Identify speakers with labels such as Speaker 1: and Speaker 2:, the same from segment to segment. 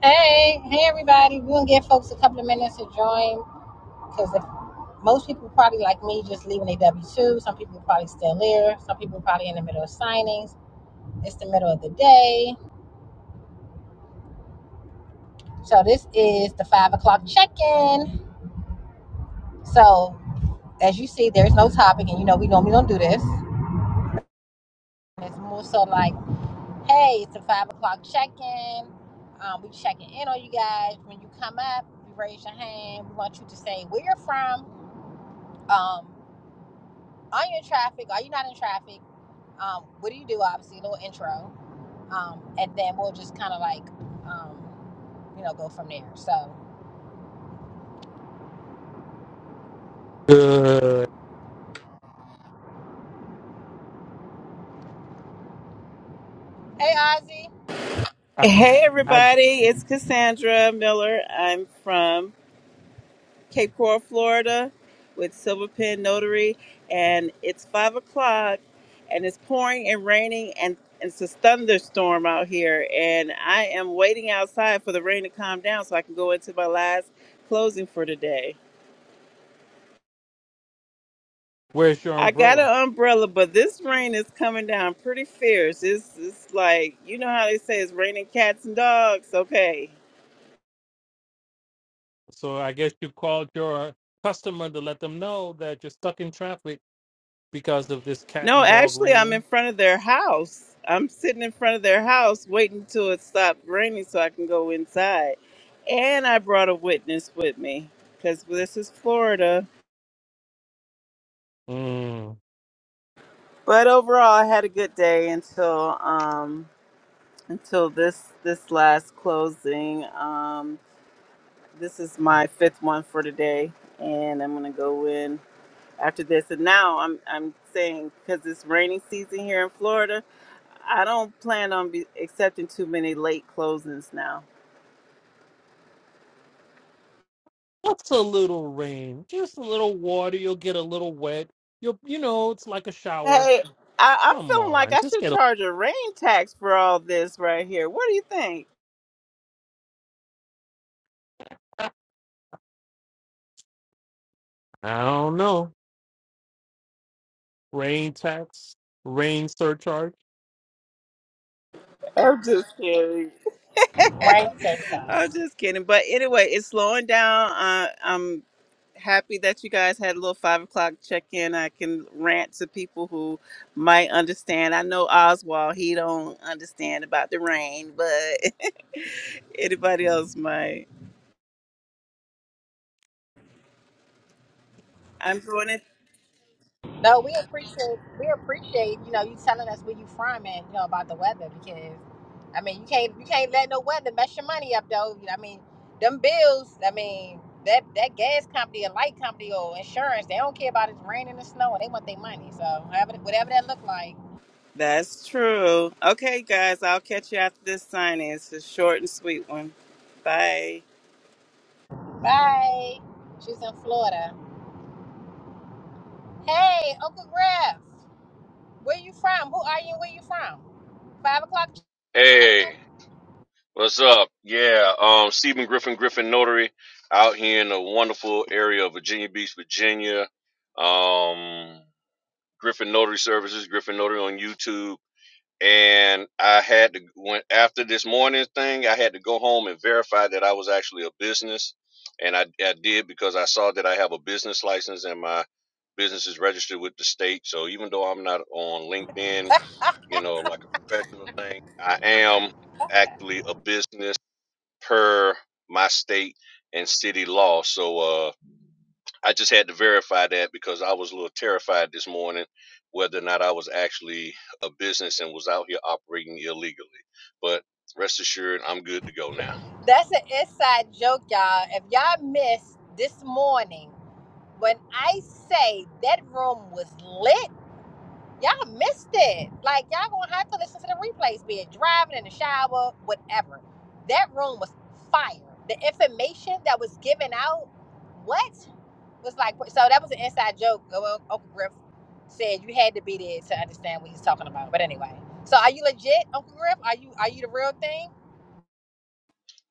Speaker 1: Hey, hey everybody. We're gonna give folks a couple of minutes to join because most people probably like me just leaving their W 2. Some people probably still there. Some people probably in the middle of signings. It's the middle of the day. So this is the five o'clock check in. So as you see, there's no topic, and you know we normally don't do this. It's more so like, hey, it's the five o'clock check in. Um, we checking in on you guys. When you come up, you raise your hand. We want you to say where you're from. Um, Are you in traffic? Are you not in traffic? Um, what do you do? Obviously, a little intro, um, and then we'll just kind of like, um, you know, go from there. So,
Speaker 2: Good.
Speaker 1: hey, Ozzy.
Speaker 2: I,
Speaker 3: Hey,
Speaker 2: I
Speaker 3: everybody, it's Cassandra Miller. I'm from Cape Coral, Florida, with Silver Pen Notary, and it's five o'clock, and it's pouring and raining, and it's a thunderstorm out here. And I am waiting outside for the rain to calm down so I can go into my last closing for today.
Speaker 2: where's your
Speaker 3: I got
Speaker 2: umbrella?
Speaker 3: an umbrella, but this rain is coming down pretty fierce. It's, it's like, you know how they say it's raining cats and dogs? Okay.
Speaker 2: So I guess you called your customer to let them know that you're stuck in traffic because of this cat
Speaker 3: No,
Speaker 2: and dog
Speaker 3: actually, I'm in
Speaker 2: raining.
Speaker 3: front of their house. I'm sitting in front of their house waiting till it stopped raining so I can go inside. And I brought a witness with me because this is Florida.
Speaker 2: Mm.
Speaker 3: But overall, I had a good day until um, until this this last closing. Um, this is my fifth one for today, and I'm gonna go in after this. And now I'm I'm saying because it's rainy season here in Florida, I don't plan on be accepting too many late closings now.
Speaker 2: What's a little rain? Just a little water. You'll get a little wet. You'll, you know, it's like a shower.
Speaker 3: Hey, I, I'm
Speaker 2: Come
Speaker 3: feeling like
Speaker 2: on,
Speaker 3: I
Speaker 2: just
Speaker 3: should
Speaker 2: get a.
Speaker 3: charge a rain tax for all this right here. What do you think?
Speaker 2: I don't know. Rain tax, rain surcharge.
Speaker 3: I'm just kidding.
Speaker 1: Rain so child.
Speaker 3: I'm just kidding. But anyway, it's slowing down. Uh, I'm happy that you guys had a little five o'clock check in. I can rant to people who might understand. I know Oswald; he don't understand about the rain, but anybody else might. I'm doing it
Speaker 1: No, we appreciate we appreciate you know you telling us where you from and you know about the weather because I mean you can't you can't let no weather mess your money up though. I mean them bills. I mean that that gas company, a light company, or insurance, they don't care about it raining and snow and they want their money. So however whatever that look like,
Speaker 3: That's true. Okay, guys, I'll catch you after this sign in. It's a short and sweet one. Bye.
Speaker 1: Bye. She's in Florida. Hey, Uncle Griff, where you from? Who are you? and Where you from? Five o'clock.
Speaker 4: Hey,
Speaker 1: Jen?
Speaker 4: what's up? Yeah, um, Stephen Griffin, Griffin Notary, out here in the wonderful area of Virginia Beach, Virginia. Um, Griffin Notary Services, Griffin Notary on YouTube and I had to went after this morning thing, I had to go home and verify that I was actually a business, and I, I did because I saw that I have a business license and my business is registered with the state. So even though I'm not on LinkedIn, you know, like a professional thing, I am actually a business per my state and city law. So uh I just had to verify that because I was a little terrified this morning whether or not I was actually a business and was out here operating illegally. But rest assured, I'm good to go now.
Speaker 1: That's an inside joke, y'all. If y'all missed this morning, when I say that room was lit, y'all missed it. Like y'all gonna have to listen to the replays, be it driving in the shower, whatever. That room was fire. The information that was given out, what? was like, so that was an inside joke. uh, Well, Uncle Griff said you had to be there to understand what he's talking about. But anyway, so are you legit, Uncle Griff? Are you are you the real thing?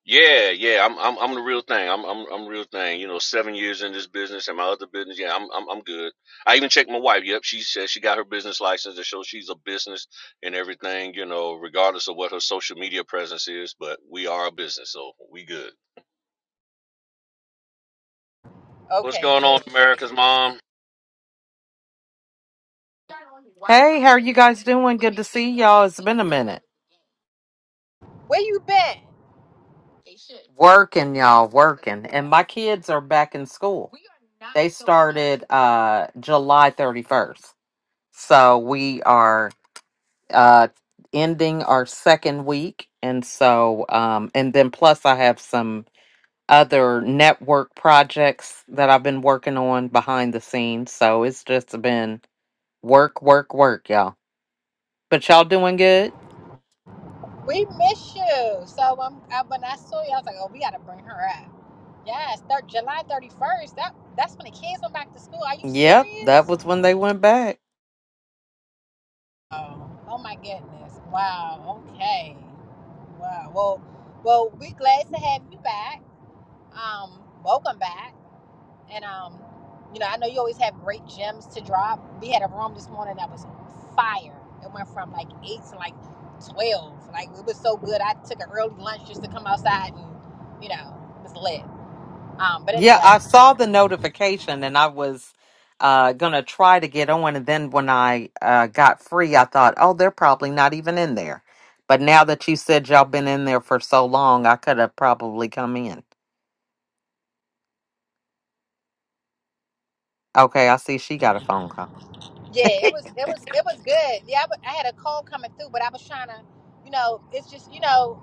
Speaker 4: Yeah, yeah, I'm I'm I'm the real thing. I'm I'm I'm real thing. You know, seven years in this business and my other business. Yeah, I'm I'm I'm good. I even checked my wife. Yep, she said she got her business license to show she's a business and everything. You know, regardless of what her social media presence is, but we are a business, so we good. What's
Speaker 1: Okay,
Speaker 4: going
Speaker 1: good.
Speaker 4: on, America's mom?
Speaker 5: Hey, how are you guys doing? Good to see y'all. It's been a minute.
Speaker 1: Where you been?
Speaker 5: Working, y'all, working. And my kids are back in school. They started uh July 31st. So we are uh ending our second week and so um and then plus I have some other network projects that I've been working on behind the scenes. So it's just been work, work, work, y'all. But y'all doing good?
Speaker 1: We miss you. So um, I, when I saw you, I was like, oh, we gotta bring her up. Yes, thir- July thirty first. That that's when the kids went back to school. Are you
Speaker 5: Yep, that
Speaker 1: serious?
Speaker 5: was when they went back.
Speaker 1: Oh, oh my goodness. Wow. Okay. Wow. Well, well, we're glad to have you back. Um, welcome back. And um, you know, I know you always have great gems to drop. We had a room this morning that was fire. It went from like eight to like twelve. Like it was so good. I took an early lunch just to come outside and, you know, it was lit. Um, but
Speaker 5: Yeah,
Speaker 1: anyway,
Speaker 5: I saw the notification and I was uh gonna try to get on and then when I uh got free I thought, "Oh, they're probably not even in there." But now that you said y'all been in there for so long, I could have probably come in. Okay, I see she got a phone call.
Speaker 1: yeah, it was it was it was good. Yeah, I, w- I had a call coming through, but I was trying to, you know, it's just you know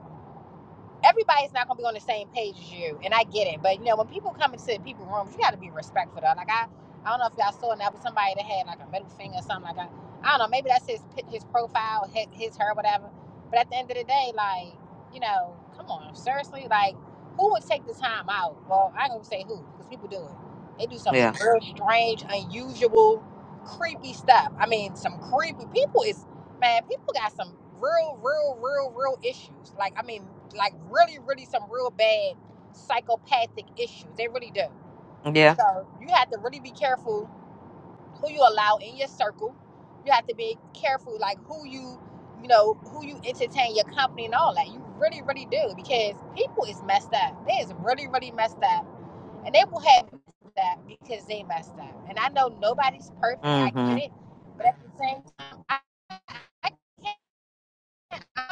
Speaker 1: everybody's not gonna be on the same page as you, and I get it. But you know, when people come into people rooms, you got to be respectful. Though. Like I, I don't know if y'all saw it, that was somebody that had like a middle finger or something like that. I don't know. Maybe that's his his profile, his, his her, whatever. But at the end of the day, like you know, come on, seriously, like who would take the time out? Well, I ain't gonna say who, because people do it. They do some
Speaker 5: Yeah.
Speaker 1: real strange, unusual, creepy stuff. I mean, some creepy people is man, people got some real, real, real, real issues. Like, I mean, like really, really some real bad psychopathic issues. They really do.
Speaker 5: Yeah.
Speaker 1: So you have to really be careful who you allow in your circle. You have to be careful, like who you, you know, who you entertain, your company, and all that. You really, really do because people is messed up. They is really, really messed up, and they will have that because they messed up. And I know nobody's perfect. I get
Speaker 5: Mm-hmm.
Speaker 1: it, but at the same time, I, I can't.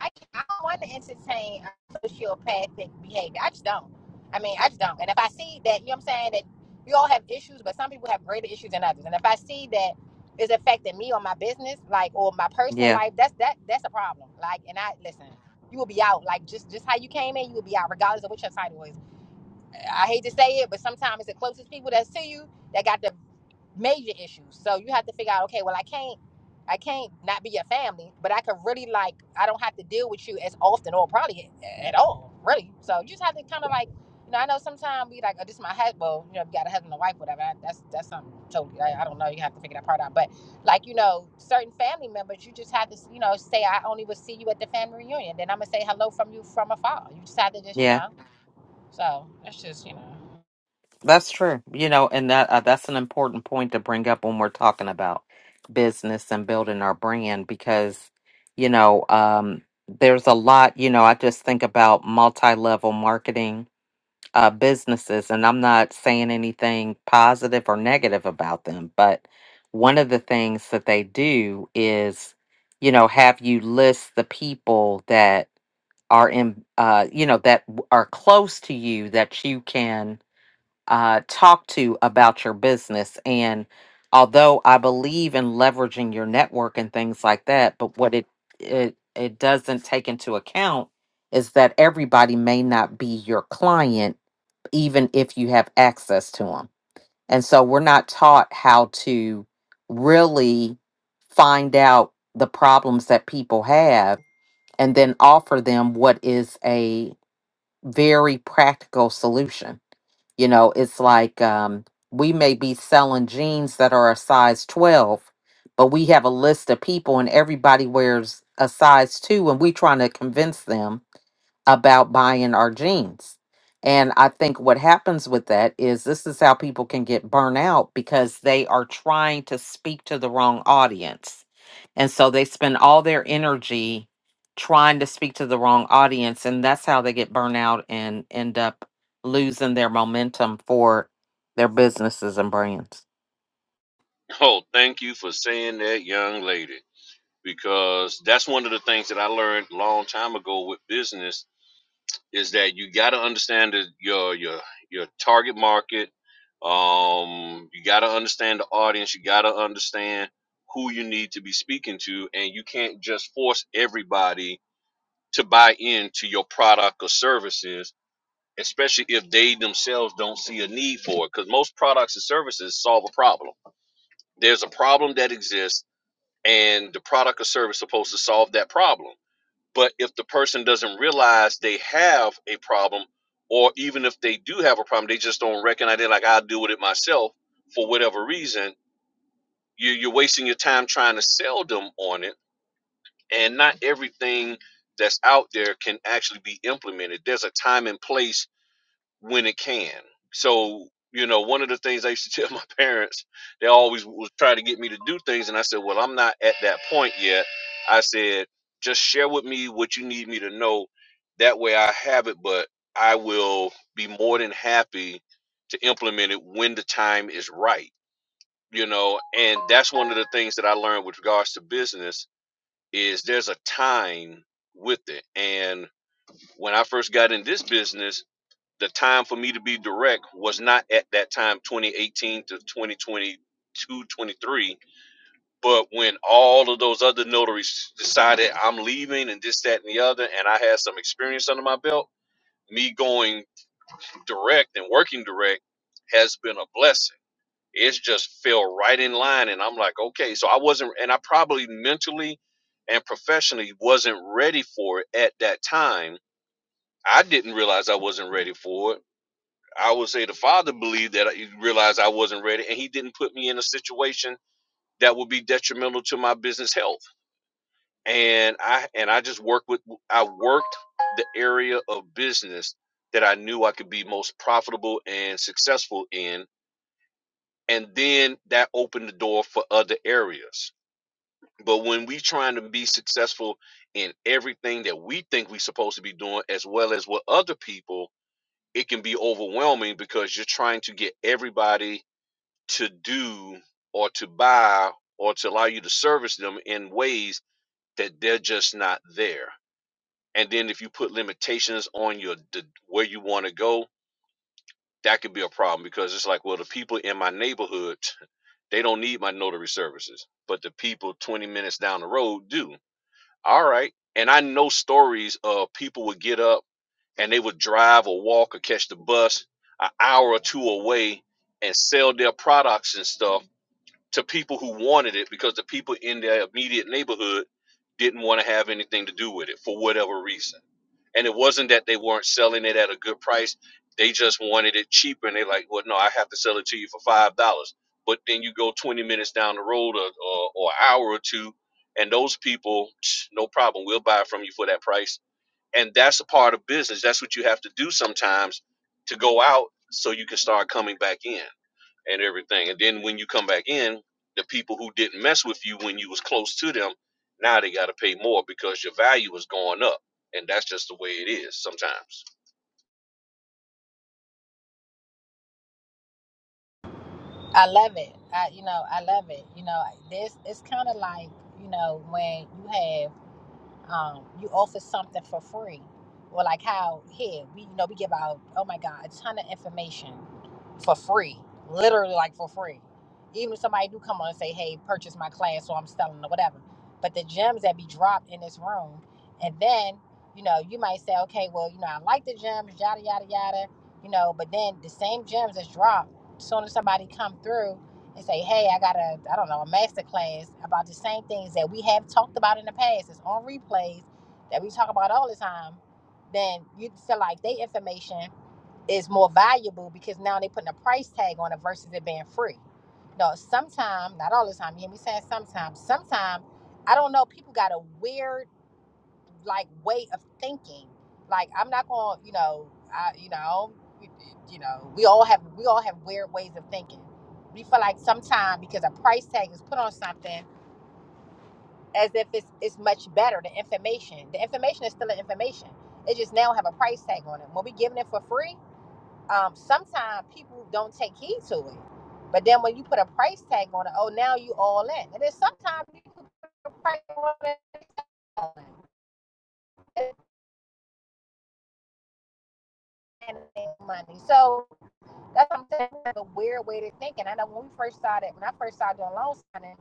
Speaker 1: I, I don't want to entertain uh, sociopathic behavior. I just don't. I mean, I just don't. And if I see that, you know what I'm saying, that we all have issues, but some people have greater issues than others. And if I see that it's affecting me or my business, like or my personal
Speaker 5: Yeah.
Speaker 1: life, that's that that's a problem. Like, and I listen, you will be out. Like just just how you came in, you will be out, regardless of what your title is. I hate to say it, but sometimes it's the closest people that's to you that got the major issues. So you have to figure out, okay, well, I can't, I can't not be your family, but I could really like, I don't have to deal with you as often or probably a- at all, really. So you just have to kind of like, you know, I know sometimes we like, oh, this is my husband. Well, you know, you got a husband and wife, whatever. I, that's that's something totally. I, I don't know. You have to figure that part out. But like, you know, certain family members, you just have to, you know, say I only will see you at the family reunion. Then I'm gonna say hello from you from afar. You just have to just, you
Speaker 5: Yeah.
Speaker 1: know. So it's just, you know,
Speaker 5: That's true. You know, and that uh, that's an important point to bring up when we're talking about business and building our brand because, you know, um, there's a lot, you know, I just think about multi-level marketing uh, businesses, and I'm not saying anything positive or negative about them, but one of the things that they do is, you know, have you list the people that are in, uh, you know, that w- are close to you that you can uh, talk to about your business. And although I believe in leveraging your network and things like that, but what it it it doesn't take into account is that everybody may not be your client, even if you have access to them. And so we're not taught how to really find out the problems that people have and then offer them what is a very practical solution you know, it's like um, we may be selling jeans that are a size 12, but we have a list of people and everybody wears a size 2 and we trying to convince them about buying our jeans. And I think what happens with that is this is how people can get burnt out because they are trying to speak to the wrong audience. And so they spend all their energy trying to speak to the wrong audience. And that's how they get burnt out and end up losing their momentum for their businesses and brands.
Speaker 4: Oh, thank you for saying that, young lady, because that's one of the things that I learned a long time ago with business is that you got to understand the, your your your target market. Um, you got to understand the audience. You got to understand who you need to be speaking to, and you can't just force everybody to buy into your product or services, especially if they themselves don't see a need for it. Because most products and services solve a problem. There's a problem that exists and the product or service is supposed to solve that problem. But if the person doesn't realize they have a problem, or even if they do have a problem, they just don't recognize it. Like I'll deal with it myself for whatever reason. You, you're wasting your time trying to sell them on it, and not everything that's out there can actually be implemented. There's a time and place when it can. So, you know, one of the things I used to tell my parents, they always was trying to get me to do things. And I said, well, I'm not at that point yet. I said, just share with me what you need me to know. That way I have it, but I will be more than happy to implement it when the time is right, you know. And that's one of the things that I learned with regards to business is there's a time with it. And when I first got in this business, the time for me to be direct was not at that time 2018 to 2022 23 but when all of those other notaries decided i'm leaving and this that and the other and i had some experience under my belt me going direct and working direct has been a blessing it's just fell right in line and i'm like okay so i wasn't and i probably mentally and professionally wasn't ready for it at that time i didn't realize i wasn't ready for it I would say the father believed that he realized I wasn't ready and he didn't put me in a situation that would be detrimental to my business health. And I and I just worked with I worked the area of business that I knew I could be most profitable and successful in. And then that opened the door for other areas. But when we trying to be successful in everything that we think we're supposed to be doing, as well as what other people, it can be overwhelming because you're trying to get everybody to do or to buy or to allow you to service them in ways that they're just not there. And then if you put limitations on your the, where you want to go, that could be a problem because it's like, well, the people in my neighborhood, they don't need my notary services, but the people 20 minutes down the road do. All right. And I know stories of people would get up and they would drive or walk or catch the bus an hour or two away and sell their products and stuff to people who wanted it because the people in their immediate neighborhood didn't want to have anything to do with it for whatever reason. And it wasn't that they weren't selling it at a good price. They just wanted it cheaper and they are like, well, no, I have to sell it to you for five dollars. But then you go twenty minutes down the road or, or, or an hour or two, and those people, no problem, we'll buy it from you for that price. And that's a part of business. That's what you have to do sometimes to go out so you can start coming back in and everything. And then when you come back in, the people who didn't mess with you when you was close to them, now they got to pay more because your value is going up. And that's just the way it is sometimes.
Speaker 1: I love it. I, you know, I love it. You know, this it's kind of like, you know, when you have um, you offer something for free, or like how here we you know we give out oh my god a ton of information for free, literally like for free. Even if somebody do come on and say hey purchase my class or I'm selling or whatever, but the gems that be dropped in this room, and then you know you might say okay well you know I like the gems yada yada yada you know but then the same gems that's dropped soon as somebody come through and say, hey, I got a, I don't know, a master class about the same things that we have talked about in the past. It's on replays that we talk about all the time. Then you feel like their information is more valuable because now they're putting a price tag on it versus it being free. No, sometimes, not all the time. You hear me saying sometimes. Sometimes, I don't know. People got a weird like way of thinking. Like I'm not going, to you know, I, you know, we- you know, we all have we all have weird ways of thinking. We feel like sometimes because a price tag is put on something as if it's it's much better. The information, the information is still the information. It just now have a price tag on it. When we giving it for free, um, sometimes people don't take heed to it. But then when you put a price tag on it, oh now you all in. And then sometimes you put a price on it, all money. So That's what I'm saying. We a weird way to think. And I know when we first started, when I first started doing loan signing,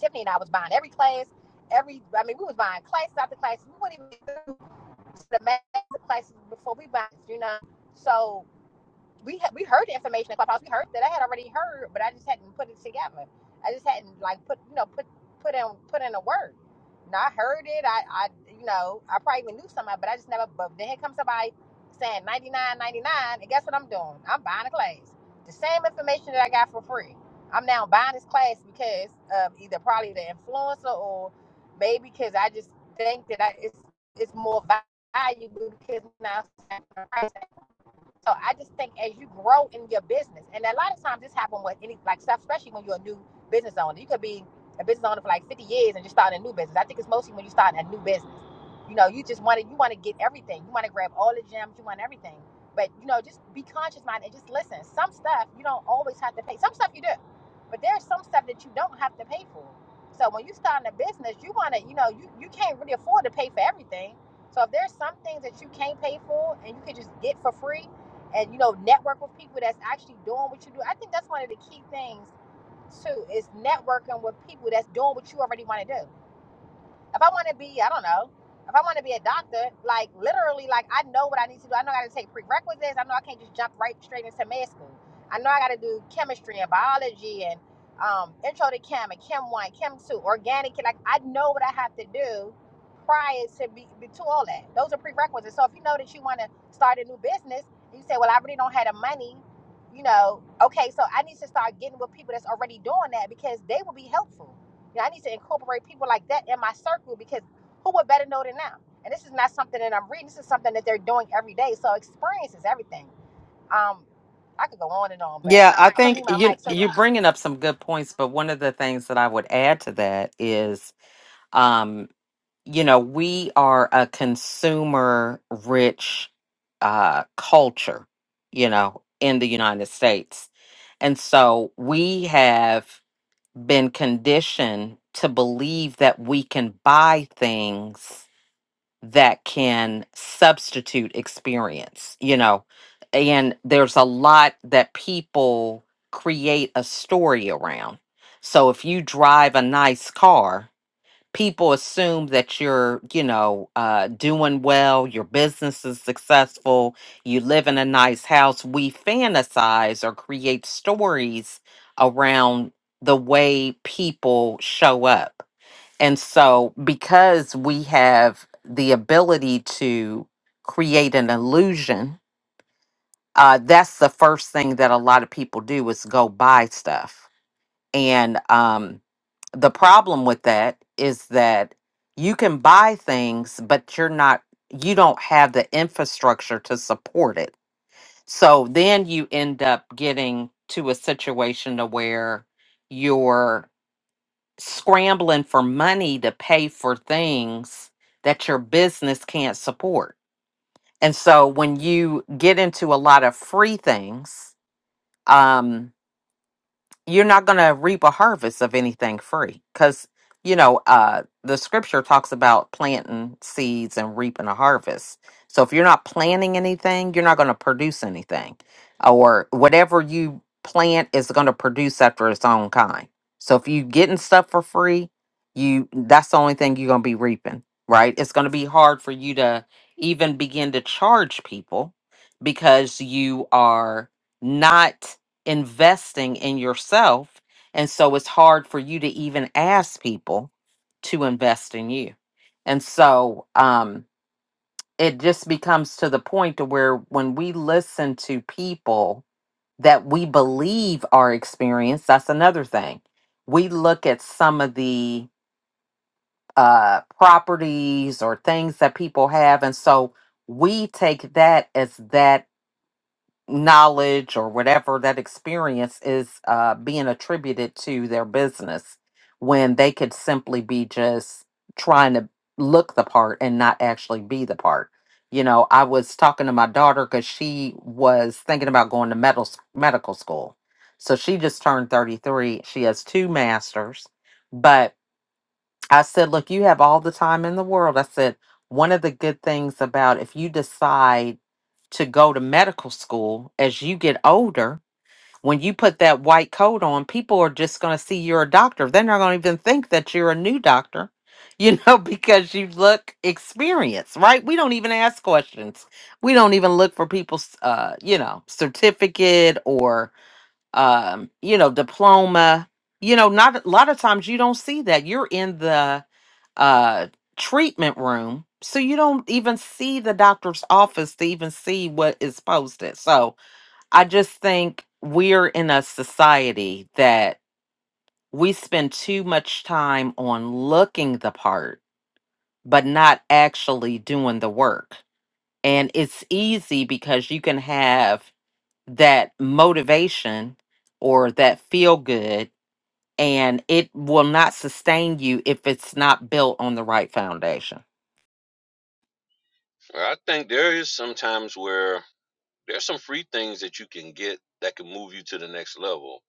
Speaker 1: Tiffany and I was buying every class, every I mean, we was buying classes after classes. We wouldn't even do the master classes before we bought, you know. So we ha- we heard the information in Clubhouse. We heard that I had already heard, but I just hadn't put it together. I just hadn't like put you know put put in put in a word. Now I heard it. I I you know I probably even knew somebody, but I just never. But then here comes somebody saying ninety nine ninety nine, and guess what I'm doing? I'm buying a class. The same information that I got for free. I'm now buying this class because of either probably the influencer or maybe because I just think that I, it's it's more valuable because now it's at a price. So I just think as you grow in your business, and a lot of times this happens with any like stuff, especially when you're a new business owner. You could be a business owner for like 50 years and just starting a new business. I think it's mostly when you start a new business. You know, you just want to you want to get everything. You want to grab all the gems. You want everything. But you know, just be conscious minded and just listen. Some stuff you don't always have to pay. Some stuff you do, but there's some stuff that you don't have to pay for. So when you start a business, you want to you know you you can't really afford to pay for everything. So if there's some things that you can't pay for and you can just get for free and you know network with people that's actually doing what you do i think that's one of the key things too is networking with people that's doing what you already want to do if I want to be, I don't know, if I want to be a doctor, like literally, like I know what I need to do. I know I got to take prerequisites. I know I can't just jump right straight into med school. I know I got to do chemistry and biology and um, intro to chem and chem one, chem two, organic. Like I know what I have to do prior to be, be to all that. Those are prerequisites. So if you know that you want to start a new business, and you say, well, I really don't have the money. You know, okay, so I need to start getting with people that's already doing that because they will be helpful yeah, I need to incorporate people like that in my circle because who would better know than them? And this is not something that I'm reading. This is something that they're doing every day. So experience is everything. Um, I could go on and on, but
Speaker 5: Yeah, I
Speaker 1: I'm gonna
Speaker 5: think
Speaker 1: mute my
Speaker 5: you
Speaker 1: mic. So,
Speaker 5: you're bringing up some good points, but one of the things that I would add to that is you know, we are a consumer rich uh, culture, you know, in the United States. And so we have been conditioned to believe that we can buy things that can substitute experience, you know, and there's a lot that people create a story around. So if you drive a nice car, people assume that you're, you know, uh, doing well, your business is successful, you live in a nice house. We fantasize or create stories around the way people show up. And so, because we have the ability to create an illusion, uh, that's the first thing that a lot of people do is go buy stuff and um, the problem with that is that you can buy things, but you're not, you don't have the infrastructure to support it. So then you end up getting to a situation to where you're scrambling for money to pay for things that your business can't support. And so when you get into a lot of free things, um, you're not going to reap a harvest of anything free because you know uh the scripture talks about planting seeds and reaping a harvest so if you're not planting anything you're not going to produce anything or whatever you plant is going to produce after its own kind so if you getting stuff for free you that's the only thing you're going to be reaping right it's going to be hard for you to even begin to charge people because you are not investing in yourself. And so it's hard for you to even ask people to invest in you. And so um, it just becomes to the point to where when we listen to people that we believe are experienced, that's another thing. We look at some of the uh, properties or things that people have. And so we take that as that knowledge or whatever that experience is uh, being attributed to their business when they could simply be just trying to look the part and not actually be the part. You know, I was talking to my daughter because she was thinking about going to medical medical school. So she just turned 33. She has two masters, but I said, look, you have all the time in the world. I said, one of the good things about if you decide to go to medical school as you get older, when you put that white coat on, people are just going to see you're a doctor. They're not going to even think that you're a new doctor, you know, because you look experienced, right? We don't even ask questions. We don't even look for people's, uh, you know, certificate or." um, you know, diploma. You know, not a lot of times you don't see that. You're in the uh treatment room, so you don't even see the doctor's office to even see what is posted. So I just think we're in a society that we spend too much time on looking the part, but not actually doing the work. And it's easy because you can have that motivation or that feel good and it will not sustain you if it's not built on the right foundation.
Speaker 4: I think there is sometimes where there's some free things that you can get that can move you to the next level.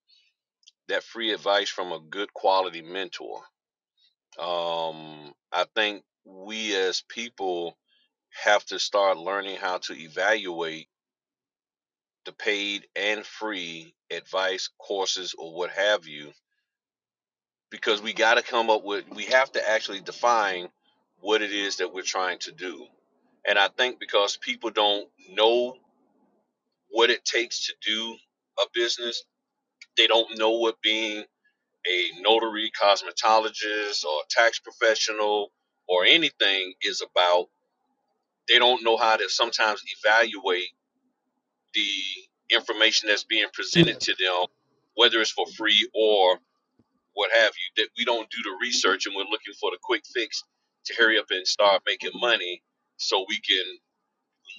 Speaker 4: That free advice from a good quality mentor. Um, I think we as people have to start learning how to evaluate the paid and free advice, courses, or what have you, because we got to come up with, we have to actually define what it is that we're trying to do. And I think because people don't know what it takes to do a business, they don't know what being a notary, cosmetologist, or tax professional or anything is about. They don't know how to sometimes evaluate the information that's being presented to them whether it's for free or what have you that we don't do the research and we're looking for the quick fix to hurry up and start making money so we can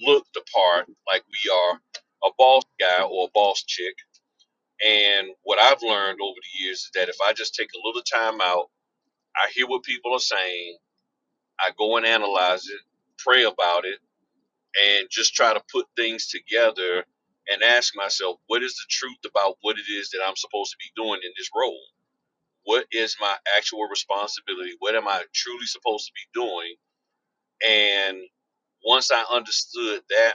Speaker 4: look the part like we are a boss guy or a boss chick and what i've learned over the years is that if i just take a little time out i hear what people are saying i go and analyze it pray about it and just try to put things together and ask myself what is the truth about what it is that i'm supposed to be doing in this role what is my actual responsibility? What am I truly supposed to be doing? And once I understood that,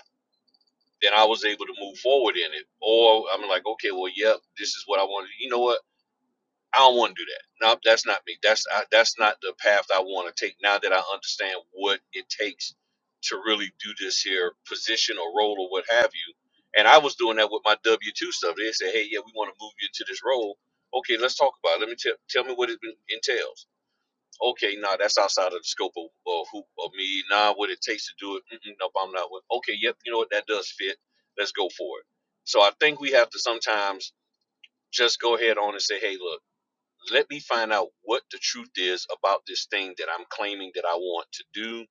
Speaker 4: then I was able to move forward in it. Or I'm like, okay, well, yep, this is what I want to. do. You know what? I don't want to do that. No, that's not me. That's I, that's not the path I want to take. Now that I understand what it takes to really do this here position or role or what have you. And I was doing that with my W two stuff. They said, hey, yeah, we want to move you into this role. Okay, let's talk about it. Let me tell tell me what it entails Okay, nah, that's outside of the scope of, of who of me. Nah, what it takes to do it. Mm-mm, nope, I'm not with. Okay, yep, you know what? That does fit. Let's go for it. So I think we have to sometimes just go ahead on and say, hey, look, let me find out what the truth is about this thing that I'm claiming that I want to do.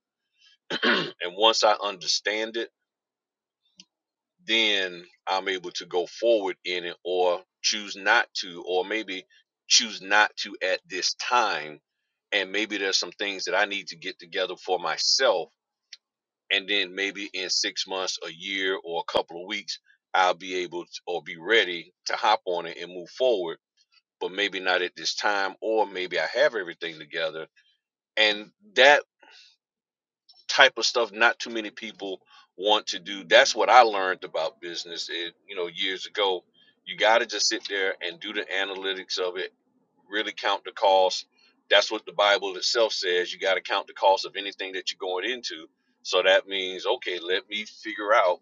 Speaker 4: and once I understand it. then I'm able to go forward in it or choose not to, or maybe choose not to at this time. And maybe there's some things that I need to get together for myself. And then maybe in six months, a year, or a couple of weeks, I'll be able to, or be ready to hop on it and move forward. But maybe not at this time, or maybe I have everything together. And that type of stuff not too many people want to do. That's what I learned about business, it, you know, years ago. You got to just sit there and do the analytics of it, really count the cost. That's what the Bible itself says. You got to count the cost of anything that you're going into. So that means, okay, let me figure out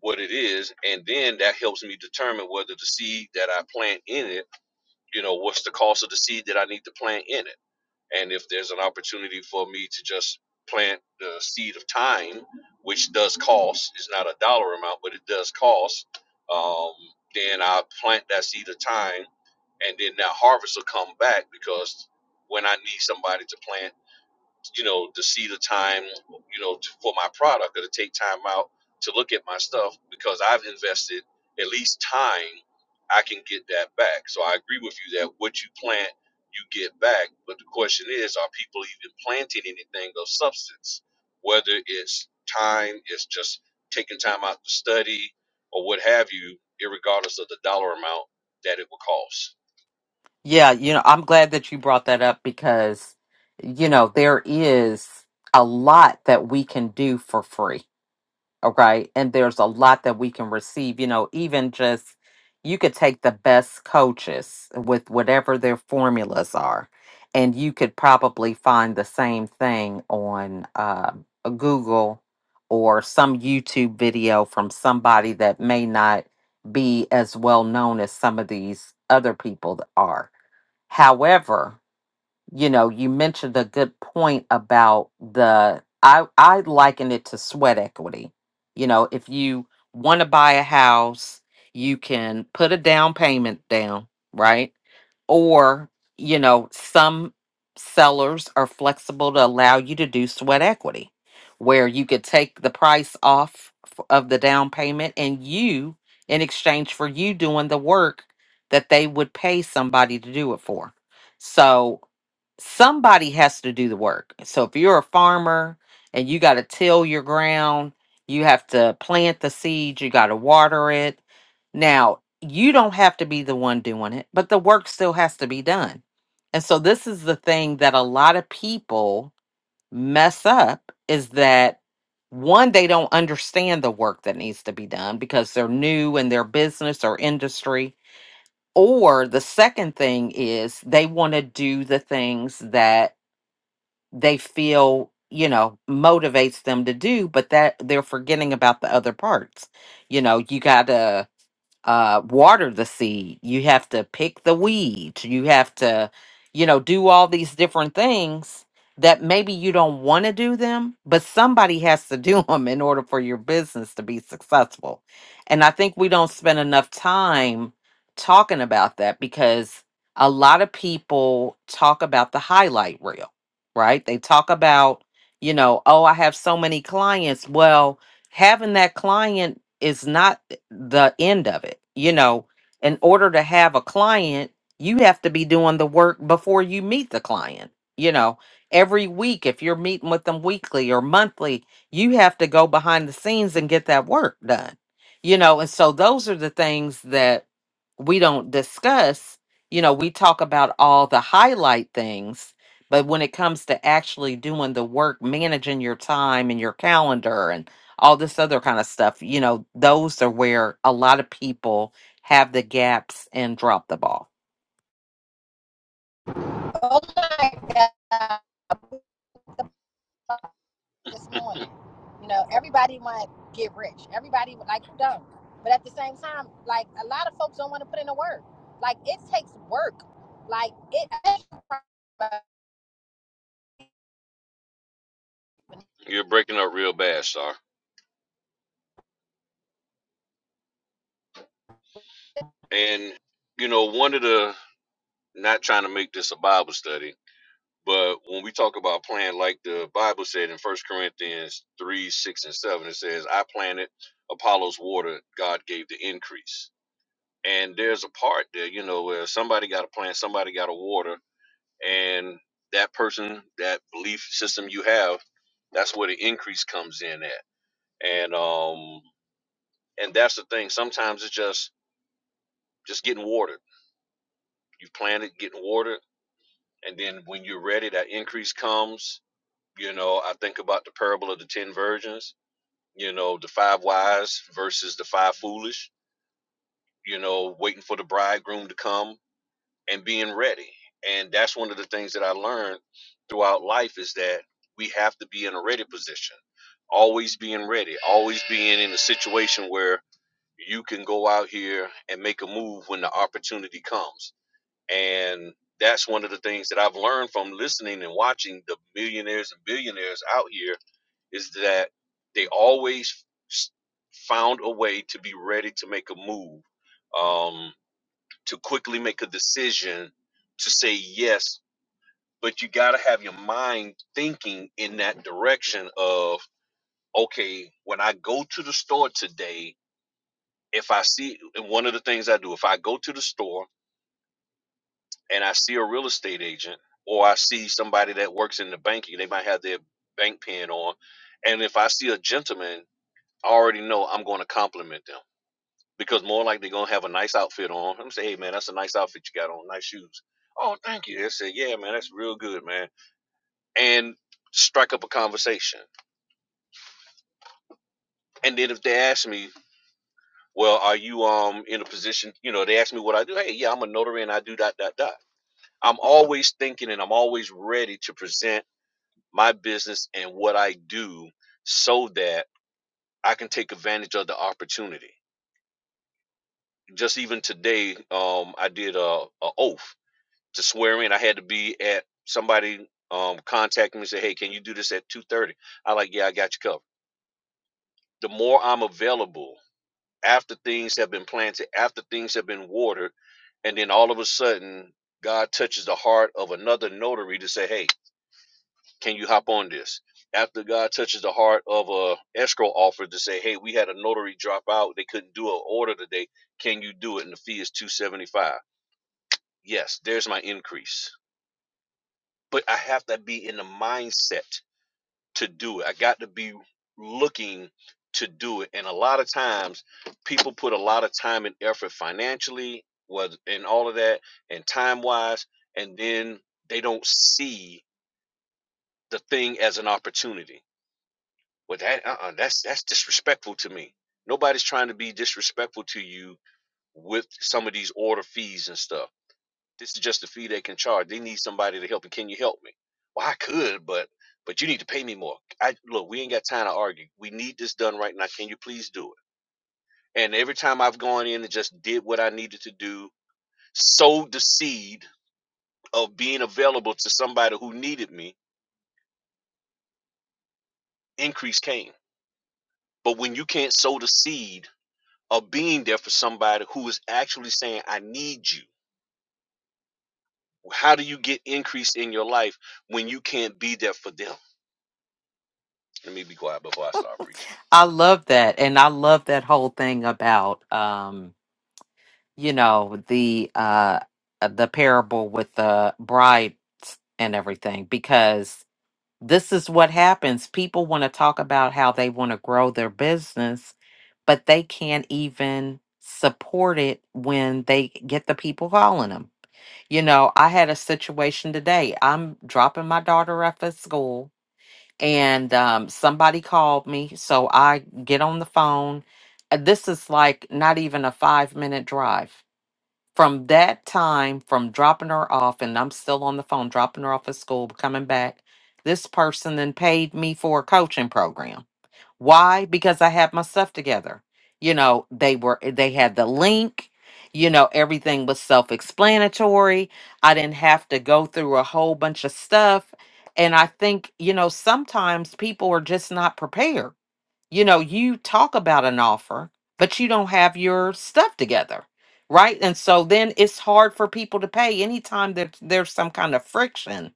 Speaker 4: what it is. And then that helps me determine whether the seed that I plant in it, you know, what's the cost of the seed that I need to plant in it and if there's an opportunity for me to just plant the seed of time which does cost it's not a dollar amount but it does cost um, then i plant that seed of time and then that harvest will come back because when i need somebody to plant you know, to see the time, you know, to, for my product or to take time out to look at my stuff because I've invested at least time, I can get that back. So I agree with you that what you plant, you get back. But the question is, are people even planting anything of substance? Whether it's time, it's just taking time out to study or what have you, irregardless of the dollar amount that it will cost.
Speaker 5: Yeah, you know, I'm glad that you brought that up because, you know, there is a lot that we can do for free Okay. And there's a lot that we can receive, you know, even just you could take the best coaches with whatever their formulas are, and you could probably find the same thing on uh, a Google or some YouTube video from somebody that may not be as well known as some of these other people that are. However, you know, you mentioned a good point about the I I liken it to sweat equity. You know, if you want to buy a house, you can put a down payment down, right? Or, you know, some sellers are flexible to allow you to do sweat equity where you could take the price off f- of the down payment and you in exchange for you doing the work that they would pay somebody to do it for. So somebody has to do the work. So if you're a farmer and you got to till your ground, you have to plant the seeds, you got to water it. Now, you don't have to be the one doing it, but the work still has to be done. And so this is the thing that a lot of people mess up is that one they don't understand the work that needs to be done because they're new in their business or industry or the second thing is they want to do the things that they feel you know motivates them to do but that they're forgetting about the other parts you know you gotta uh, water the seed, you have to pick the weeds, you have to, you know, do all these different things that maybe you don't want to do them, but somebody has to do them in order for your business to be successful. And I think we don't spend enough time talking about that because a lot of people talk about the highlight reel, right? They talk about, you know, oh, I have so many clients. Well, having that client is not the end of it. You know, in order to have a client, you have to be doing the work before you meet the client. You know, every week, if you're meeting with them weekly or monthly, you have to go behind the scenes and get that work done. You know, and so those are the things that we don't discuss you know we talk about all the highlight things but when it comes to actually doing the work managing your time and your calendar and all this other kind of stuff you know those are where a lot of people have the gaps and drop the ball
Speaker 1: oh my God, this morning, you know, everybody want to get rich. Everybody like you don't, but at the same time, like a lot of folks don't want to put in the work. Like it takes work. Like it.
Speaker 4: You're breaking up real bad, sir. And you know, one of the not trying to make this a Bible study, but when we talk about plan, like the Bible said in First Corinthians three, six, and seven, it says, "I planted, Apollo's watered. God gave the increase." And there's a part there, you know, where somebody got to plant, somebody got to water, and that person, that belief system you have, that's where the increase comes in at. And um, and that's the thing. Sometimes it's just just getting watered. You planted, getting watered, and then when you're ready, that increase comes You know, I think about the parable of the 10 virgins, you know, the five wise versus the five foolish, you know, waiting for the bridegroom to come and being ready. And that's one of the things that I learned throughout life is that we have to be in a ready position, always being ready, always being in a situation where you can go out here and make a move when the opportunity comes. And that's one of the things that I've learned from listening and watching the millionaires and billionaires out here is that they always found a way to be ready to make a move, um, to quickly make a decision, to say yes. But you got to have your mind thinking in that direction of, okay, when I go to the store today, if I see, and one of the things I do, if I go to the store and I see a real estate agent or I see somebody that works in the banking, they might have their bank pin on. And if I see a gentleman I already know I'm going to compliment them because more likely they're going to have a nice outfit on. I'm going to say, hey man, that's a nice outfit you got on, nice shoes. Oh, thank you. They say, yeah man, that's real good, man. And strike up a conversation. And then if they ask me, well, are you um in a position? You know, they ask me what I do. Hey, yeah, I'm a notary and I do dot dot dot. I'm always thinking and I'm always ready to present my business and what I do so that I can take advantage of the opportunity just even today, um, I did a, a oath. to swear in. I had to be at somebody um contacted me and said, Hey, can you do this at two thirty? I like, yeah, I got you covered. The more I'm available after things have been planted, after things have been watered, and then all of a sudden God touches the heart of another notary to say, Hey, can you hop on this? After God touches the heart of a escrow offer to say, Hey, we had a notary drop out, they couldn't do an order today. Can you do it? And the fee is two seventy five. Yes, there's my increase but I have to be in the mindset to do it. I got to be looking to do it. And a lot of times, people put a lot of time and effort financially, was and all of that, and time wise, and then they don't see the thing as an opportunity. Well, that uh-uh, that's that's disrespectful to me. Nobody's trying to be disrespectful to you with some of these order fees and stuff This is just the fee they can charge. They need somebody to help. you. Can you help me? Well, I could, but but you need to pay me more. I look, we ain't got time to argue. We need this done right now. Can you please do it? And every time I've gone in and just did what I needed to do, sowed the seed of being available to somebody who needed me, increase came. But when you can't sow the seed of being there for somebody who is actually saying, I need you, how do you get increase in your life when you can't be there for them? Let me be quiet before I start preaching.
Speaker 5: i love that and i love that whole thing about um you know the uh the parable with the bride and everything because. this is what happens. People want to talk about how they want to grow their business, but they can't even support it when they get the people calling them. You know, I had a situation today. I'm dropping my daughter off at school, and um, somebody called me. So I get on the phone. Uh, This is like not even a five minute drive. From that time, from dropping her off, and I'm still on the phone, dropping her off at school, coming back, this person then paid me for a coaching program. Why? Because I had my stuff together. You know, they were, eh, they had the link, you know, everything was self explanatory. I didn't have to go through a whole bunch of stuff. And I think, you know, sometimes people are just not prepared you know, you talk about an offer, but you don't have your stuff together, right? And so then it's hard for people to pay anytime that there's some kind of friction.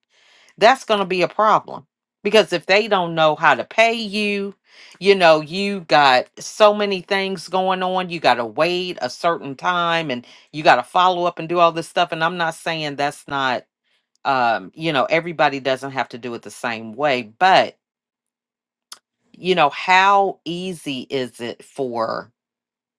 Speaker 5: That's going to be a problem because if they don't know how to pay you, you know, you got so many things going on. You got to wait a certain time and you got to follow up and do all this stuff. And I'm not saying that's not, um, you know, everybody doesn't have to do it the same way, but you know, how easy is it for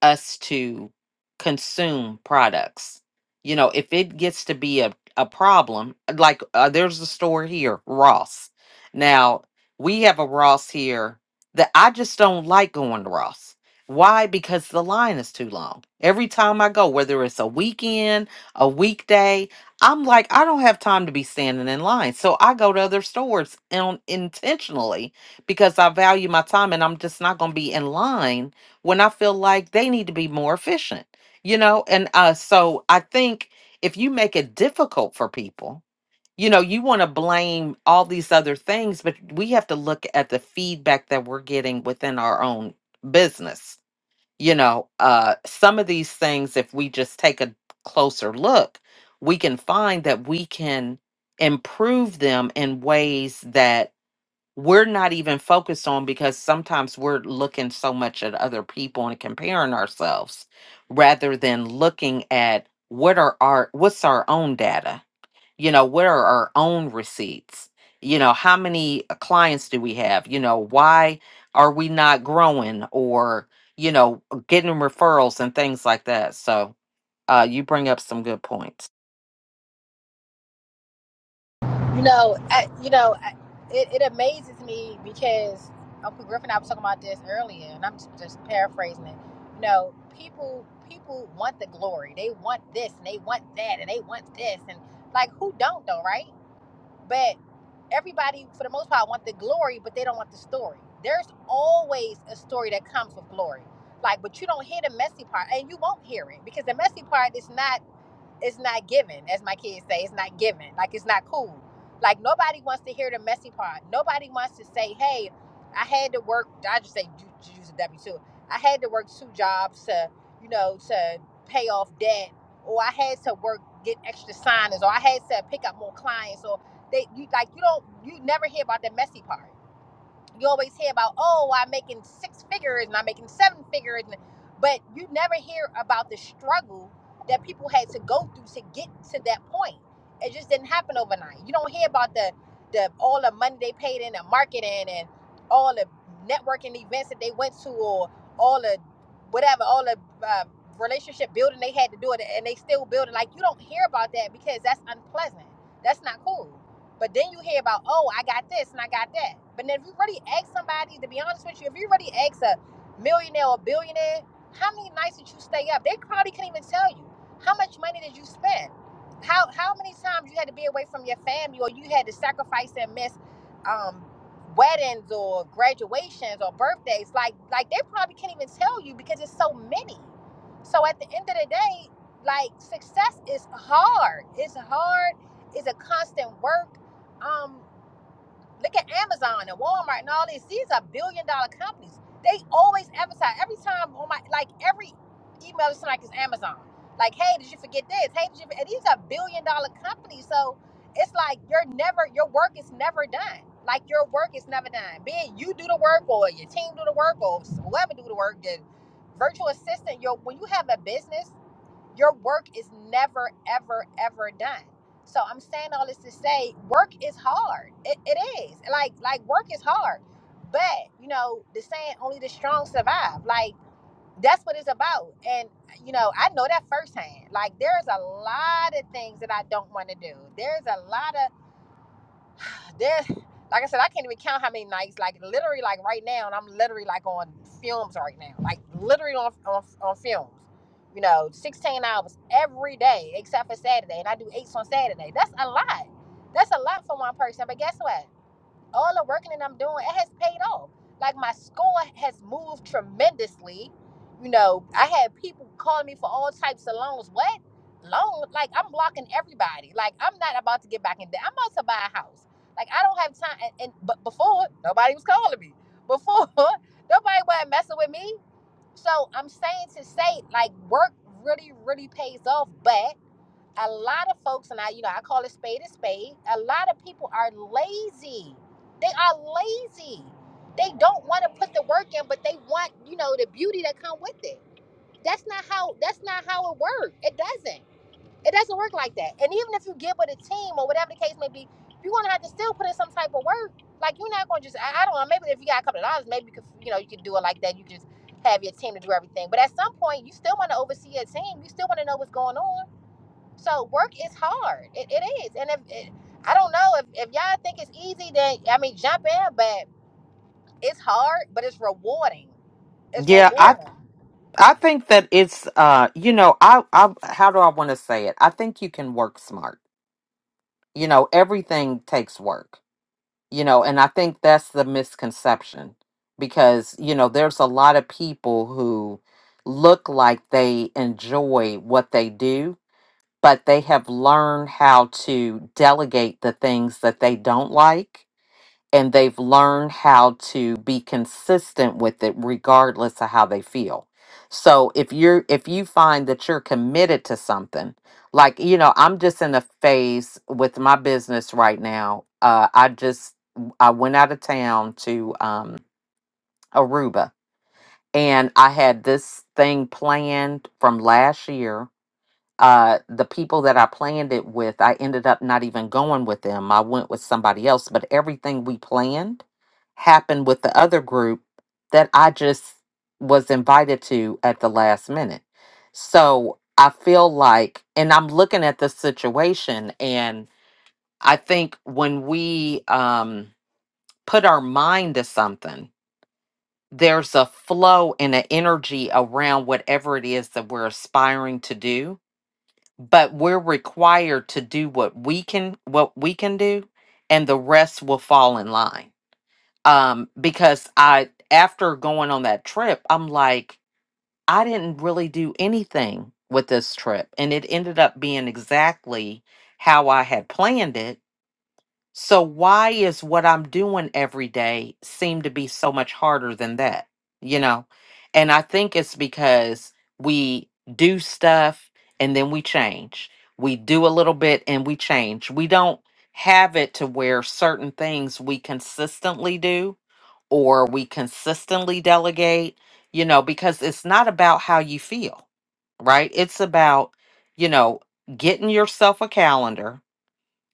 Speaker 5: us to consume products. You know, if it gets to be a, a problem, like uh, there's a store here, Ross. Now, we have a Ross here that I just don't like going to Ross. Why? Because the line is too long. Every time I go, whether it's a weekend, a weekday, I'm like, I don't have time to be standing in line. So I go to other stores and intentionally because I value my time and I'm just not going to be in line when I feel like they need to be more efficient, you know? And uh, so I think if you make it difficult for people, you know, you want to blame all these other things, but we have to look at the feedback that we're getting within our own business. You know, uh, some of these things, if we just take a closer look, we can find that we can improve them in ways that we're not even focused on because sometimes we're looking so much at other people and comparing ourselves rather than looking at what are our what's our own data you know what are our own receipts you know how many uh, clients do we have you know why are we not growing or you know getting referrals and things like that so uh you bring up some good points
Speaker 1: You know, I, you know, I, it, it amazes me because Uncle Griffin and I was talking about this earlier, and I'm just, just paraphrasing it. You know, people people want the glory. They want this and they want that and they want this and like who don't though, right? But everybody, for the most part, want the glory, but they don't want the story. There's always a story that comes with glory. Like, but you don't hear the messy part, and you won't hear it because the messy part is not it's not given, as my kids say, it's not given. Like it's not cool. Like nobody wants to hear the messy part. Nobody wants to say, "Hey, I had to work." I just say use a W two. I had to work two jobs to, you know, to pay off debt, or I had to work get extra signers, or I had to pick up more clients, or they you like you don't you never hear about the messy part you always hear about oh i'm making six figures and i'm making seven figures and, but you never hear about the struggle that people had to go through to get to that point it just didn't happen overnight you don't hear about the the all the money they paid in the marketing and all the networking events that they went to or all the whatever all the uh, relationship building they had to do it and they still building like you don't hear about that because that's unpleasant that's not cool but then you hear about, oh, I got this and I got that. But then if you really ask somebody, to be honest with you, if you really ask a millionaire or billionaire, how many nights did you stay up? They probably can't even tell you. How much money did you spend? How how many times you had to be away from your family or you had to sacrifice and miss um, weddings or graduations or birthdays? Like like they probably can't even tell you because it's so many. So at the end of the day, like success is hard. It's hard. It's a constant work um look at Amazon and Walmart and all these. These are billion dollar companies. They always advertise every time on my like every email is like it's Amazon. Like, hey, did you forget this? Hey, did you and these are billion dollar companies. So it's like you're never your work is never done. Like your work is never done. Be it you do the work or your team do the work or whoever do the work, the virtual assistant, your when you have a business your work is never ever ever done so i'm saying all this to say work is hard it, it is like like work is hard but you know the saying only the strong survive like that's what it's about and you know i know that firsthand like there's a lot of things that i don't want to do there's a lot of that like I said, I can't even count how many nights. Like literally, like right now, and I'm literally like on films right now. Like literally on on, on films. You know, 16 hours every day except for Saturday, and I do eights on Saturday. That's a lot. That's a lot for one person. But guess what? all the working that I'm doing, it has paid off. Like my score has moved tremendously. You know, I had people calling me for all types of loans. What? Loan? Like I'm blocking everybody. Like I'm not about to get back in debt. I'm about to buy a house. Like I don't have time. And, and but before nobody was calling me. Before nobody was messing with me. So I'm saying to say like work really really pays off, but a lot of folks, and I, you know, I call it spade a spade. A lot of people are lazy. They are lazy. They don't want to put the work in, but they want, you know, the beauty that come with it. That's not how. That's not how it works. It doesn't. It doesn't work like that. And even if you get with a team or whatever the case may be, you're gonna have to still put in some type of work. Like you're not gonna just. I, I don't know. Maybe if you got a couple of dollars, maybe you could, you know, you could do it like that. You just have your team to do everything. But at some point, you still want to oversee your team. You still want to know what's going on so work is hard. It, it is. And if it, I don't know if, if y'all think it's easy, then I mean jump in, but it's hard, but it's rewarding. It's
Speaker 5: yeah I.
Speaker 1: rewarding.
Speaker 5: I think that it's uh you know I I how do I want to say it? I think you can work smart. You know, everything takes work. You know, and I think that's the misconception because you know there's a lot of people who look like they enjoy what they do, but they have learned how to delegate the things that they don't like and they've learned how to be consistent with it regardless of how they feel. So if you're if you find that you're committed to something, like you know, I'm just in a phase with my business right now. Uh I just I went out of town to um Aruba and I had this thing planned from last year uh the people that I planned it with, I ended up not even going with them. I went with somebody else, but everything we planned happened with the other group that I just was invited to at the last minute. So I feel like and I'm looking at the situation and I think when we um put our mind to something, there's a flow and an energy around whatever it is that we're aspiring to do but we're required to do what we can what we can do and the rest will fall in line um because i after going on that trip i'm like i didn't really do anything with this trip and it ended up being exactly how i had planned it so why is what I'm doing every day seem to be so much harder than that? You know? And I think it's because we do stuff and then we change. We do a little bit and we change. We don't have it to where certain things we consistently do or we consistently delegate, you know, because it's not about how you feel, right? It's about, you know, getting yourself a calendar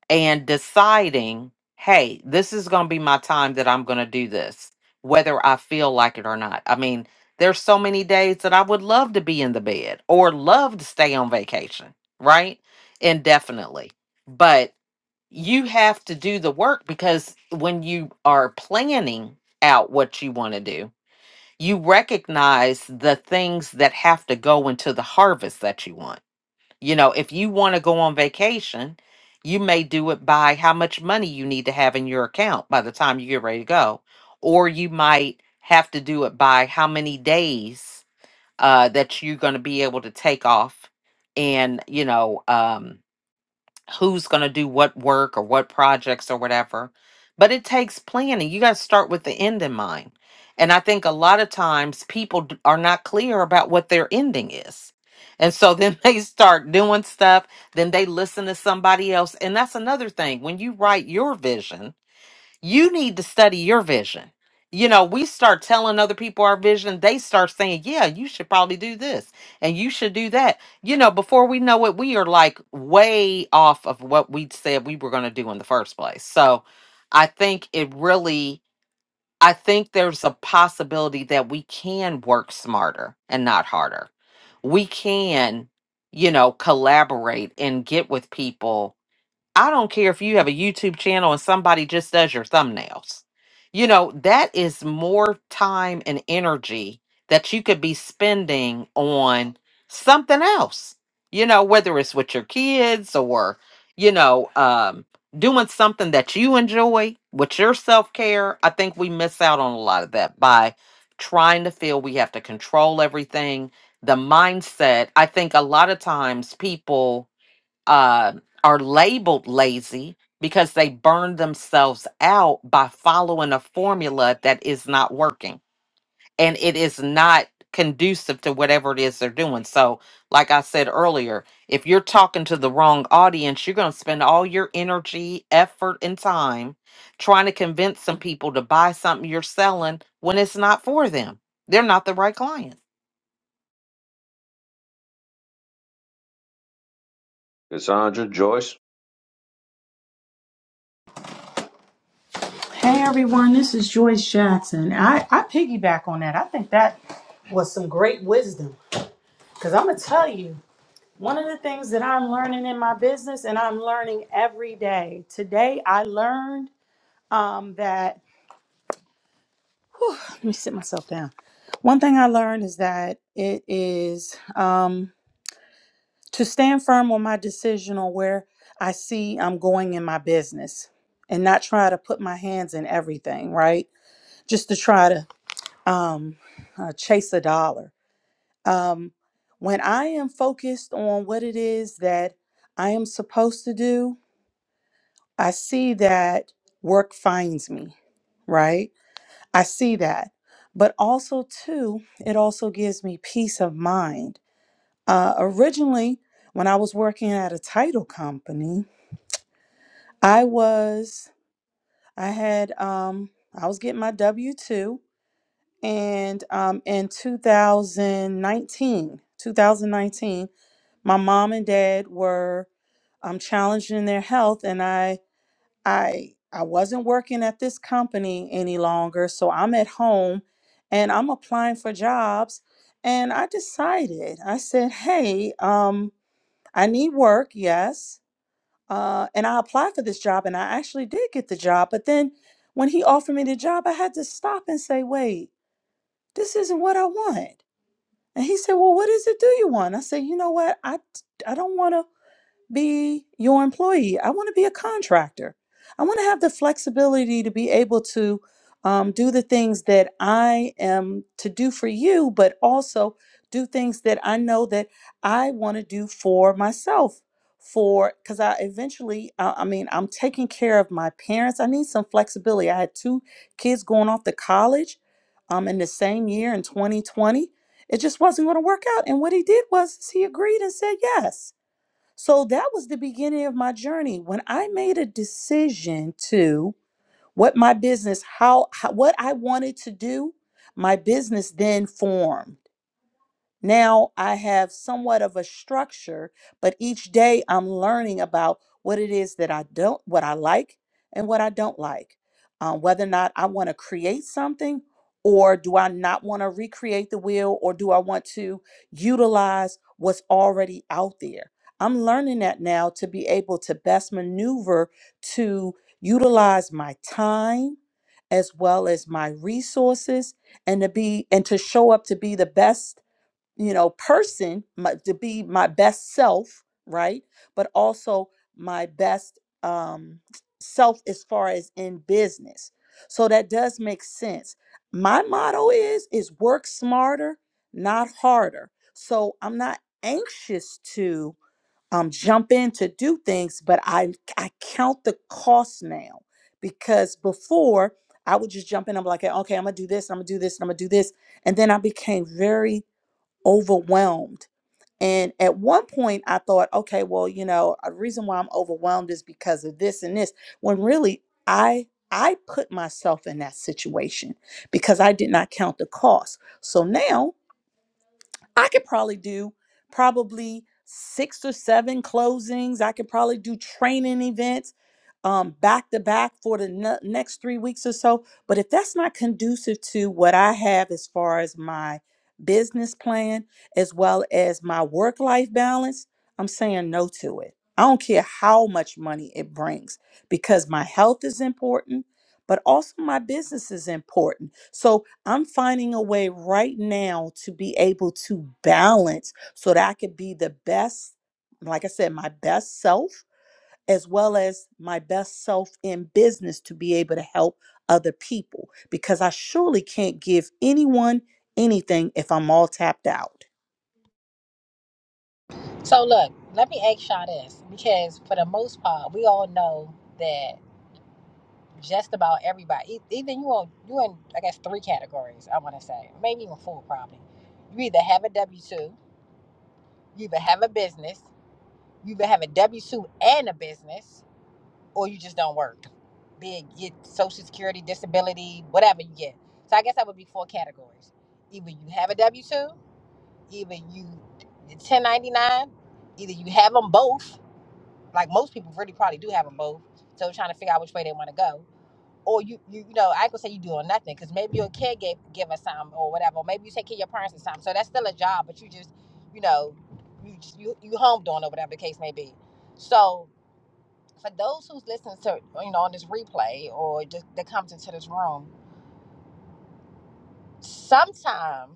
Speaker 5: and deciding, hey, this is going to be my time that I'm going to do this, whether I feel like it or not. I mean, there's so many days that I would love to be in the bed or love to stay on vacation, right? Indefinitely. But you have to do the work because when you are planning out what you want to do, you recognize the things that have to go into the harvest that you want you know, if you want to go on vacation, you may do it by how much money you need to have in your account by the time you get ready to go. Or you might have to do it by how many days uh, that you're going to be able to take off and, you know, um, who's going to do what work or what projects or whatever. But it takes planning. You got to start with the end in mind. And I think a lot of times people d- are not clear about what their ending is. And so then they start doing stuff, then they listen to somebody else. And that's another thing. When you write your vision, you need to study your vision. You know, we start telling other people our vision, they start saying, Yeah, you should probably do this and you should do that. You know, before we know it, we are like way off of what we said we were going to do in the first place. So I think it really, I think there's a possibility that we can work smarter and not harder. We can, you know, collaborate and get with people I don't care if you have a YouTube channel and somebody just does your thumbnails. You know, that is more time and energy that you could be spending on something else. You know, whether it's with your kids or, you know, um, doing something that you enjoy with your self care. I think we miss out on a lot of that by trying to feel we have to control everything. The mindset, I think a lot of times people uh, are labeled lazy because they burn themselves out by following a formula that is not working and it is not conducive to whatever it is they're doing. So, like I said earlier, if you're talking to the wrong audience, you're going to spend all your energy, effort, and time trying to convince some people to buy something you're selling when it's not for them. They're not the right client.
Speaker 4: Cassandra, Joyce.
Speaker 6: Hey everyone, this is Joyce Jackson. I, I piggyback on that. I think that was some great wisdom. Because I'm going to tell you, one of the things that I'm learning in my business, and I'm learning every day. Today, I learned um, that, whew, let me sit myself down. One thing I learned is that it is um, to stand firm on my decision on where I see I'm going in my business and not try to put my hands in everything, right? Just to try to um uh, chase a dollar um when i am focused on what it is that i am supposed to do i see that work finds me right i see that but also too it also gives me peace of mind uh originally when i was working at a title company i was i had um i was getting my w2 And um, in 2019, 2019, my mom and dad were um, challenged in their health, and I, I, I wasn't working at this company any longer, so I'm at home, and I'm applying for jobs. And I decided, I said, "Hey, um, I need work, yes." Uh, and I applied for this job, and I actually did get the job. But then, when he offered me the job, I had to stop and say, "Wait." this isn't what I want. And he said, Well, what is it do you want? I said, You know what? I, I don't want to be your employee. I want to be a contractor. I want to have the flexibility to be able to um, do the things that I am to do for you, but also do things that I know that I want to do for myself. For because I eventually, I, I mean, I'm taking care of my parents. I need some flexibility. I had two kids going off to college um, in the same year in 2020. It just wasn't going to work out. And what he did was he agreed and said yes so that was the beginning of my journey. When I made a decision to what my business, how, how what I wanted to do, my business then formed. Now I have somewhat of a structure, but each day I'm learning about what it is that I don't, what I like and what I don't like. Um, whether or not I want to create something or do I not want to recreate the wheel or do I want to utilize what's already out there? I'm learning that now to be able to best maneuver to utilize my time as well as my resources and to be and to show up to be the best you know, person my, to be my best self, right? But also my best um, self as far as in business. So that does make sense. My motto is is work smarter, not harder. So I'm not anxious to um, jump in to do things, but I I count the cost now because before I would just jump in. I'm like, okay, I'm gonna do this, I'm gonna do this, and I'm gonna do this, and then I became very overwhelmed. And at one point, I thought, okay, well, you know, a reason why I'm overwhelmed is because of this and this. When really, I I put myself in that situation because I did not count the cost. So now I could probably do probably six or seven closings. I could probably do training events um, back to back for the ne- next three weeks or so. But if that's not conducive to what I have as far as my business plan, as well as my work life balance, I'm saying no to it. I don't care how much money it brings because my health is important, but also my business is important. So I'm finding a way right now to be able to balance so that I could be the best, like I said, my best self as well as my best self in business to be able to help other people because I surely can't give anyone anything if I'm all tapped out.
Speaker 1: So look, let me ask y'all this because for the most part, we all know that just about everybody, e- either you on you in I guess three categories. I want to say maybe even four probably. You either have a W two, you either have a business, you either have a W two and a business, or you just don't work. Big, get Social Security, disability, whatever you get. So I guess that would be four categories. Either you have a W two, either you 1099, either you have them both. Like most people really probably do have them both. So they're trying to figure out which way they want to go. Or you, you, you know, I could say you doing nothing because maybe you're a caregiver some or whatever. Or maybe you take care of your parents or something. So that's still a job, but you just, you know, you just, you you home doing or whatever the case may be. So for those who's listening to you know on this replay or just that comes into this room sometime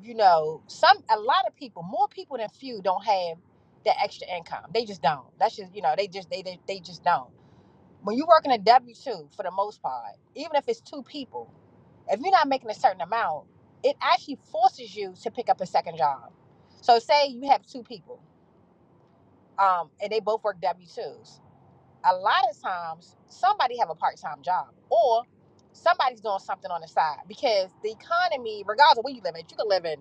Speaker 1: you know some a lot of people more people than few don't have that extra income they just don't that's just you know they just they they, they just don't when you're working a w2 for the most part even if it's two people if you're not making a certain amount it actually forces you to pick up a second job so say you have two people um, and they both work w2s a lot of times somebody have a part-time job or somebody's doing something on the side because the economy regardless of where you live in you can live in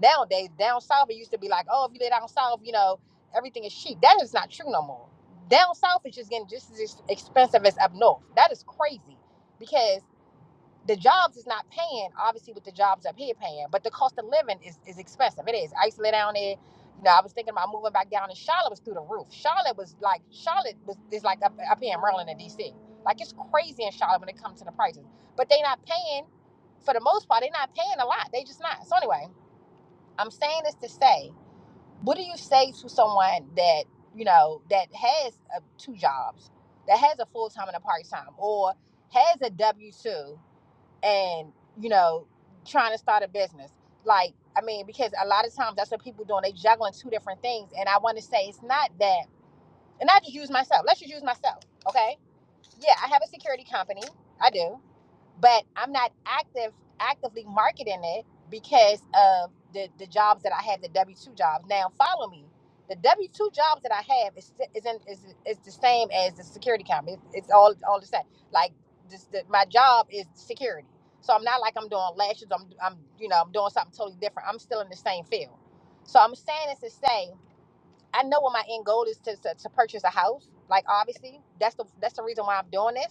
Speaker 1: nowadays down south it used to be like oh if you live down south you know everything is cheap that is not true no more down south is just getting just as expensive as up north that is crazy because the jobs is not paying obviously With the jobs up here paying but the cost of living is, is expensive it is i used to live down there you know i was thinking about moving back down and charlotte was through the roof charlotte was like charlotte was is like up, up here in maryland and dc like it's crazy in charlotte when it comes to the prices but they not paying for the most part they not paying a lot they just not so anyway i'm saying this to say what do you say to someone that you know that has uh, two jobs that has a full-time and a part-time or has a w-2 and you know trying to start a business like i mean because a lot of times that's what people doing they juggling two different things and i want to say it's not that and i just use myself let's just use myself okay yeah i have a security company i do but I'm not active actively marketing it because of the the jobs that I have, the W two jobs. Now follow me. The W two jobs that I have is is in, is is the same as the security company. It's, it's all all the same. Like this, the, my job is security, so I'm not like I'm doing lashes. I'm I'm you know I'm doing something totally different. I'm still in the same field. So I'm saying this to say I know what my end goal is to, to, to purchase a house. Like obviously, that's the that's the reason why I'm doing this.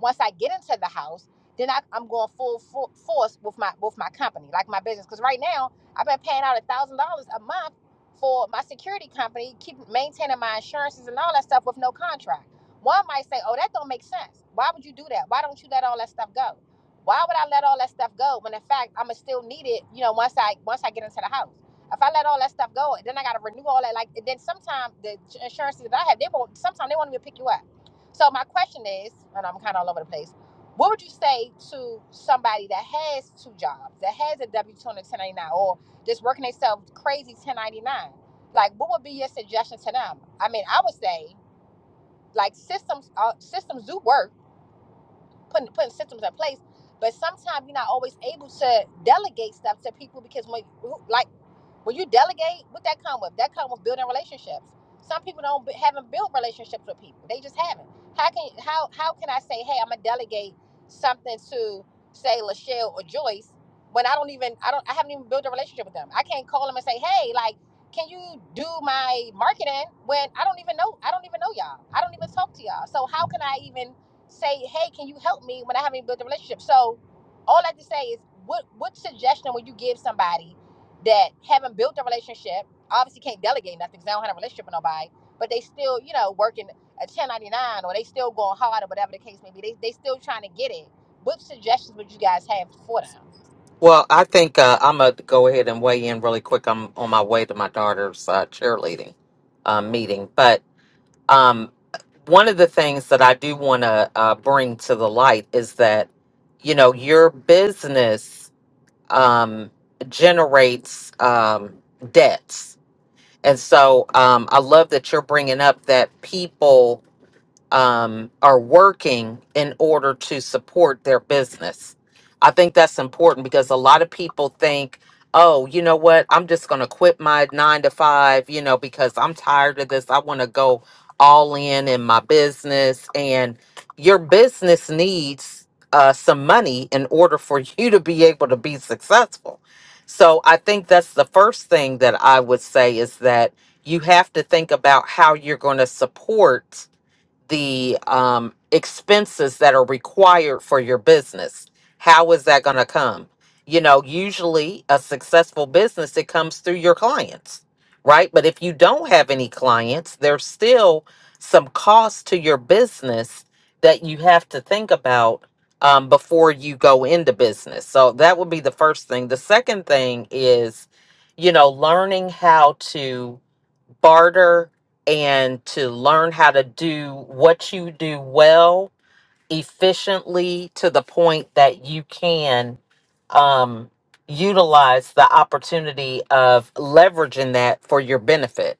Speaker 1: Once I get into the house, then I, I'm going full, full force with my with my company, like my business. Because right now, I've been paying out a thousand dollars a month for my security company, keep maintaining my insurances and all that stuff with no contract. One might say, "Oh, that don't make sense. Why would you do that? Why don't you let all that stuff go? Why would I let all that stuff go when in fact I'm gonna still need it? You know, once I once I get into the house." If I let all that stuff go, then I got to renew all that. Like, and then sometimes the insurances that I have, they won't. Sometimes they won't even pick you up. So my question is, and I'm kind of all over the place. What would you say to somebody that has two jobs, that has a W two and a ten ninety nine, or just working themselves crazy ten ninety nine? Like, what would be your suggestion to them? I mean, I would say like systems. Uh, systems do work. Putting putting systems in place but sometimes you're not always able to delegate stuff to people because when, like when you delegate, what that come with? That come with building relationships. Some people don't haven't built relationships with people. They just haven't. How can how how can I say, hey, I'm gonna delegate something to say Lachelle or Joyce when I don't even I don't I haven't even built a relationship with them. I can't call them and say, hey, like, can you do my marketing when I don't even know I don't even know y'all. I don't even talk to y'all. So how can I even say, hey, can you help me when I haven't even built a relationship? So all I have to say is what what suggestion would you give somebody that haven't built a relationship, obviously can't delegate nothing because they don't have a relationship with nobody, but they still, you know, working a 1099 or they still going hard or whatever the case may be. They, they still trying to get it. What suggestions would you guys have for them?
Speaker 5: Well, I think uh, I'm going to go ahead and weigh in really quick. I'm on my way to my daughter's uh, cheerleading uh, meeting. But um, one of the things that I do want to uh, bring to the light is that, you know, your business um, generates um, debts. And so um, I love that you're bringing up that people um, are working in order to support their business. I think that's important because a lot of people think, oh, you know what? I'm just going to quit my nine to five, you know, because I'm tired of this. I want to go all in in my business. And your business needs uh, some money in order for you to be able to be successful. So I think that's the first thing that I would say is that you have to think about how you're going to support the um, expenses that are required for your business. How is that going to come? You know, usually a successful business, it comes through your clients, right? But if you don't have any clients, there's still some cost to your business that you have to think about um, before you go into business. So that would be the first thing. The second thing is, you know, learning how to barter and to learn how to do what you do well efficiently to the point that you can um, utilize the opportunity of leveraging that for your benefit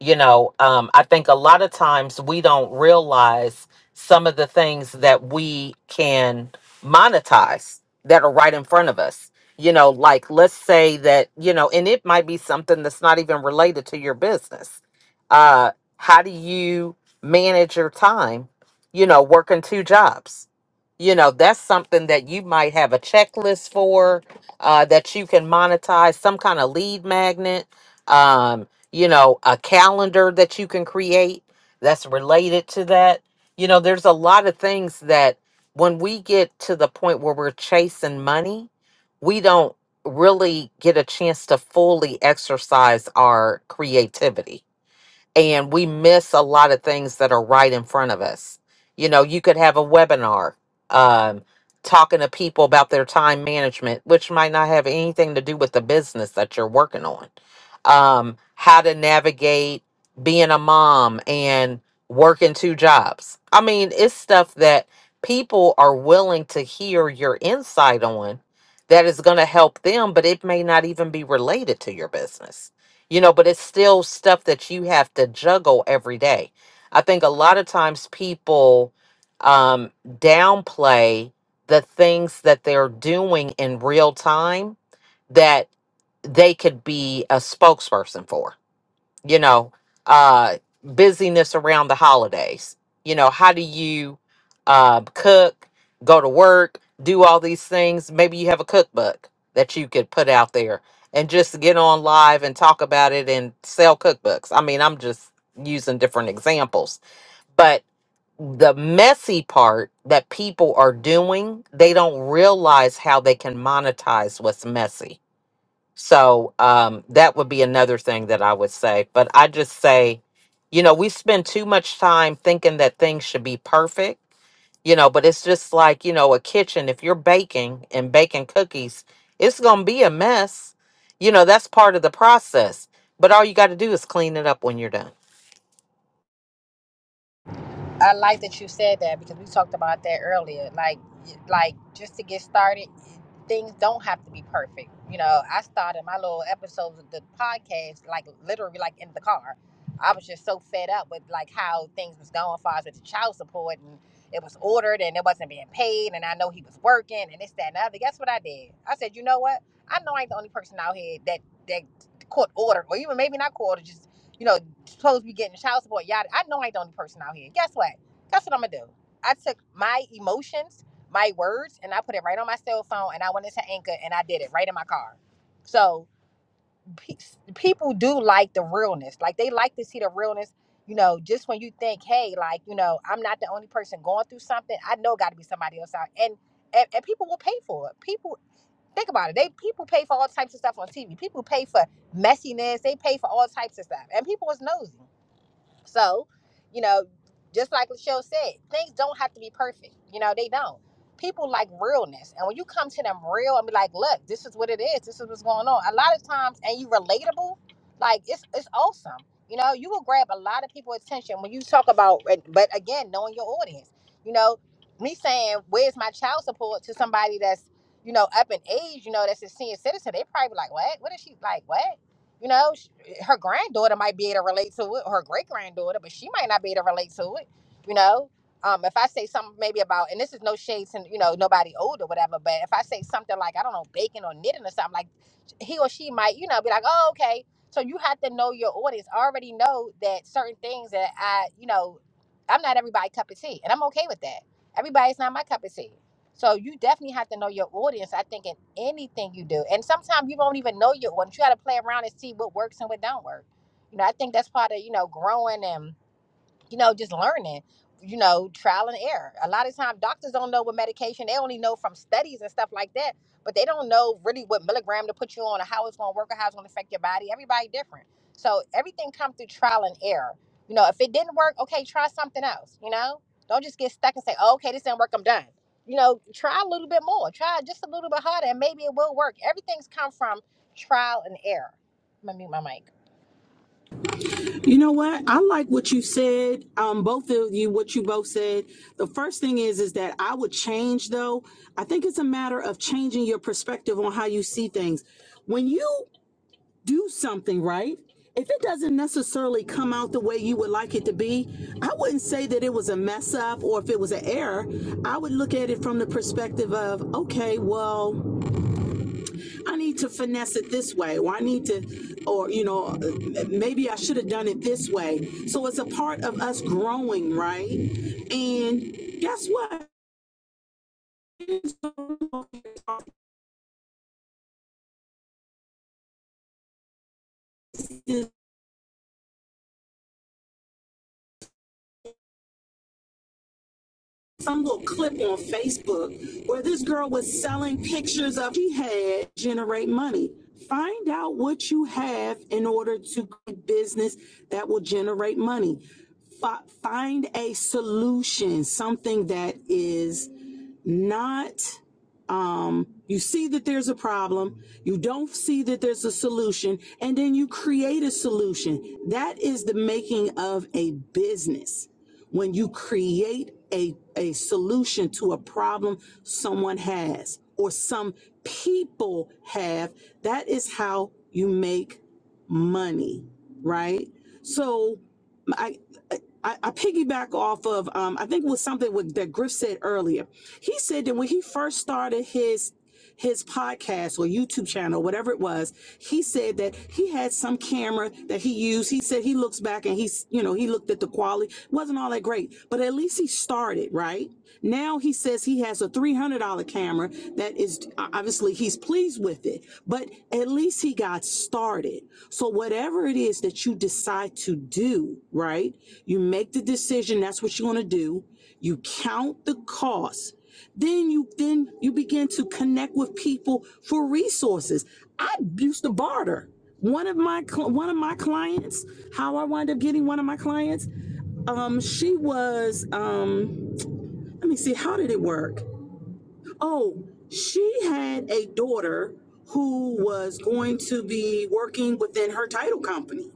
Speaker 5: you know um, i think a lot of times we don't realize some of the things that we can monetize that are right in front of us you know like let's say that you know and it might be something that's not even related to your business uh how do you manage your time you know working two jobs you know that's something that you might have a checklist for uh that you can monetize some kind of lead magnet um, you know, a calendar that you can create that's related to that. You know, there's a lot of things that when we get to the point where we're chasing money, we don't really get a chance to fully exercise our creativity and we miss a lot of things that are right in front of us. You know, you could have a webinar um, talking to people about their time management, which might not have anything to do with the business that you're working on. Um, how to navigate being a mom and working two jobs. I mean, it's stuff that people are willing to hear your insight on that is going to help them, but it may not even be related to your business you know but it's still stuff that you have to juggle every day i think a lot of times people um downplay the things that they're doing in real time that they could be a spokesperson for you know, uh, busyness around the holidays. You know, how do you uh, cook, go to work, do all these things? Maybe you have a cookbook that you could put out there and just get on live and talk about it and sell cookbooks. I mean, I'm just using different examples, but the messy part that people are doing, they don't realize how they can monetize what's messy so um, that would be another thing that I would say. But I just say, you know, we spend too much time thinking that things should be perfect, you know, but it's just like, you know, a kitchen, if you're baking and baking cookies, it's going to be a mess. You know, that's part of the process. But all you got to do is clean it up when you're done.
Speaker 1: I like that you said that because we talked about that earlier. Like, like just to get started, things don't have to be perfect. You know, I started my little episodes of the podcast like literally like in the car. I was just so fed up with like how things was going for us with the child support and it was ordered and it wasn't being paid and I know he was working and this that and the other. Guess what I did? I said, you know what? I know I ain't the only person out here that that court ordered or even maybe not court ordered. just you know, supposed to be getting child support. Yada. I know I ain't the only person out here. Guess what? Guess what I'm gonna do? I took my emotions, my words, and I put it right on my cell phone, and I went into Anchor, and I did it right in my car. So pe- people do like the realness. Like they like to see the realness. You know, just when you think, hey, like you know, I'm not the only person going through something. I know got to be somebody else out, and, and and people will pay for it. People think about it. They people pay for all types of stuff on TV. People pay for messiness. They pay for all types of stuff, and people is nosy. So, you know, just like Michelle said, things don't have to be perfect. You know, they don't. People like realness. And when you come to them real and be like, look, this is what it is, this is what's going on. A lot of times and you relatable, like it's it's awesome. You know, you will grab a lot of people's attention when you talk about but again, knowing your audience. You know, me saying, Where's my child support to somebody that's, you know, up in age, you know, that's a senior citizen, they probably be like, What? What is she like, what? You know, her granddaughter might be able to relate to it, or her great granddaughter, but she might not be able to relate to it. You know, um, if I say something maybe about, and this is no shades, and you know, nobody old or whatever, but if I say something like I don't know baking or knitting or something like, he or she might, you know, be like, oh okay. So you have to know your audience. I already know that certain things that I, you know, I'm not everybody cup of tea, and I'm okay with that. Everybody's not my cup of tea. So you definitely have to know your audience. I think in anything you do, and sometimes you won't even know your audience. You got to play around and see what works and what don't work. You know, I think that's part of you know growing and you know, just learning, you know, trial and error. A lot of times, doctors don't know what medication, they only know from studies and stuff like that, but they don't know really what milligram to put you on or how it's gonna work or how it's gonna affect your body. Everybody different. So everything comes through trial and error. You know, if it didn't work, okay, try something else, you know? Don't just get stuck and say, oh, okay, this didn't work, I'm done. You know, try a little bit more, try just a little bit harder, and maybe it will work. Everything's come from trial and error. I'm gonna mute my mic.
Speaker 6: You know what? I like what you said. Um, both of you, what you both said. The first thing is, is that I would change though. I think it's a matter of changing your perspective on how you see things. When you do something right, if it doesn't necessarily come out the way you would like it to be, I wouldn't say that it was a mess up or if it was an error. I would look at it from the perspective of, okay, well, I need to finesse it this way, or I need to, or you know, uh, maybe I should have done it this way. So it's a part of us growing, right? And guess what? some little clip on Facebook where this girl was selling pictures of she had generate money. Find out what you have in order to create business that will generate money. Fi- find a solution, something that is not um you see that there's a problem you don't see that there's a solution and then you create a solution that is the making of a business when you create a, a solution to a problem someone has or some people have, that is how you make money, right? So I, I, I piggyback off of, um, I think it was something with, that Griff said earlier. He said that when he first started his his podcast or YouTube channel, whatever it was, he said that he had some camera that he used. He said he looks back and he's, you know, he looked at the quality, wasn't all that great, but at least he started, right? Now he says he has a $300 camera that is obviously he's pleased with it, but at least he got started. So whatever it is that you decide to do, right? You make the decision, that's what you want to do you count the cost then you then you begin to connect with people for resources i used to barter one of my cl- one of my clients how i wound up getting one of my clients um she was um let me see how did it work Oh, she had a daughter who was going to be working within her title company.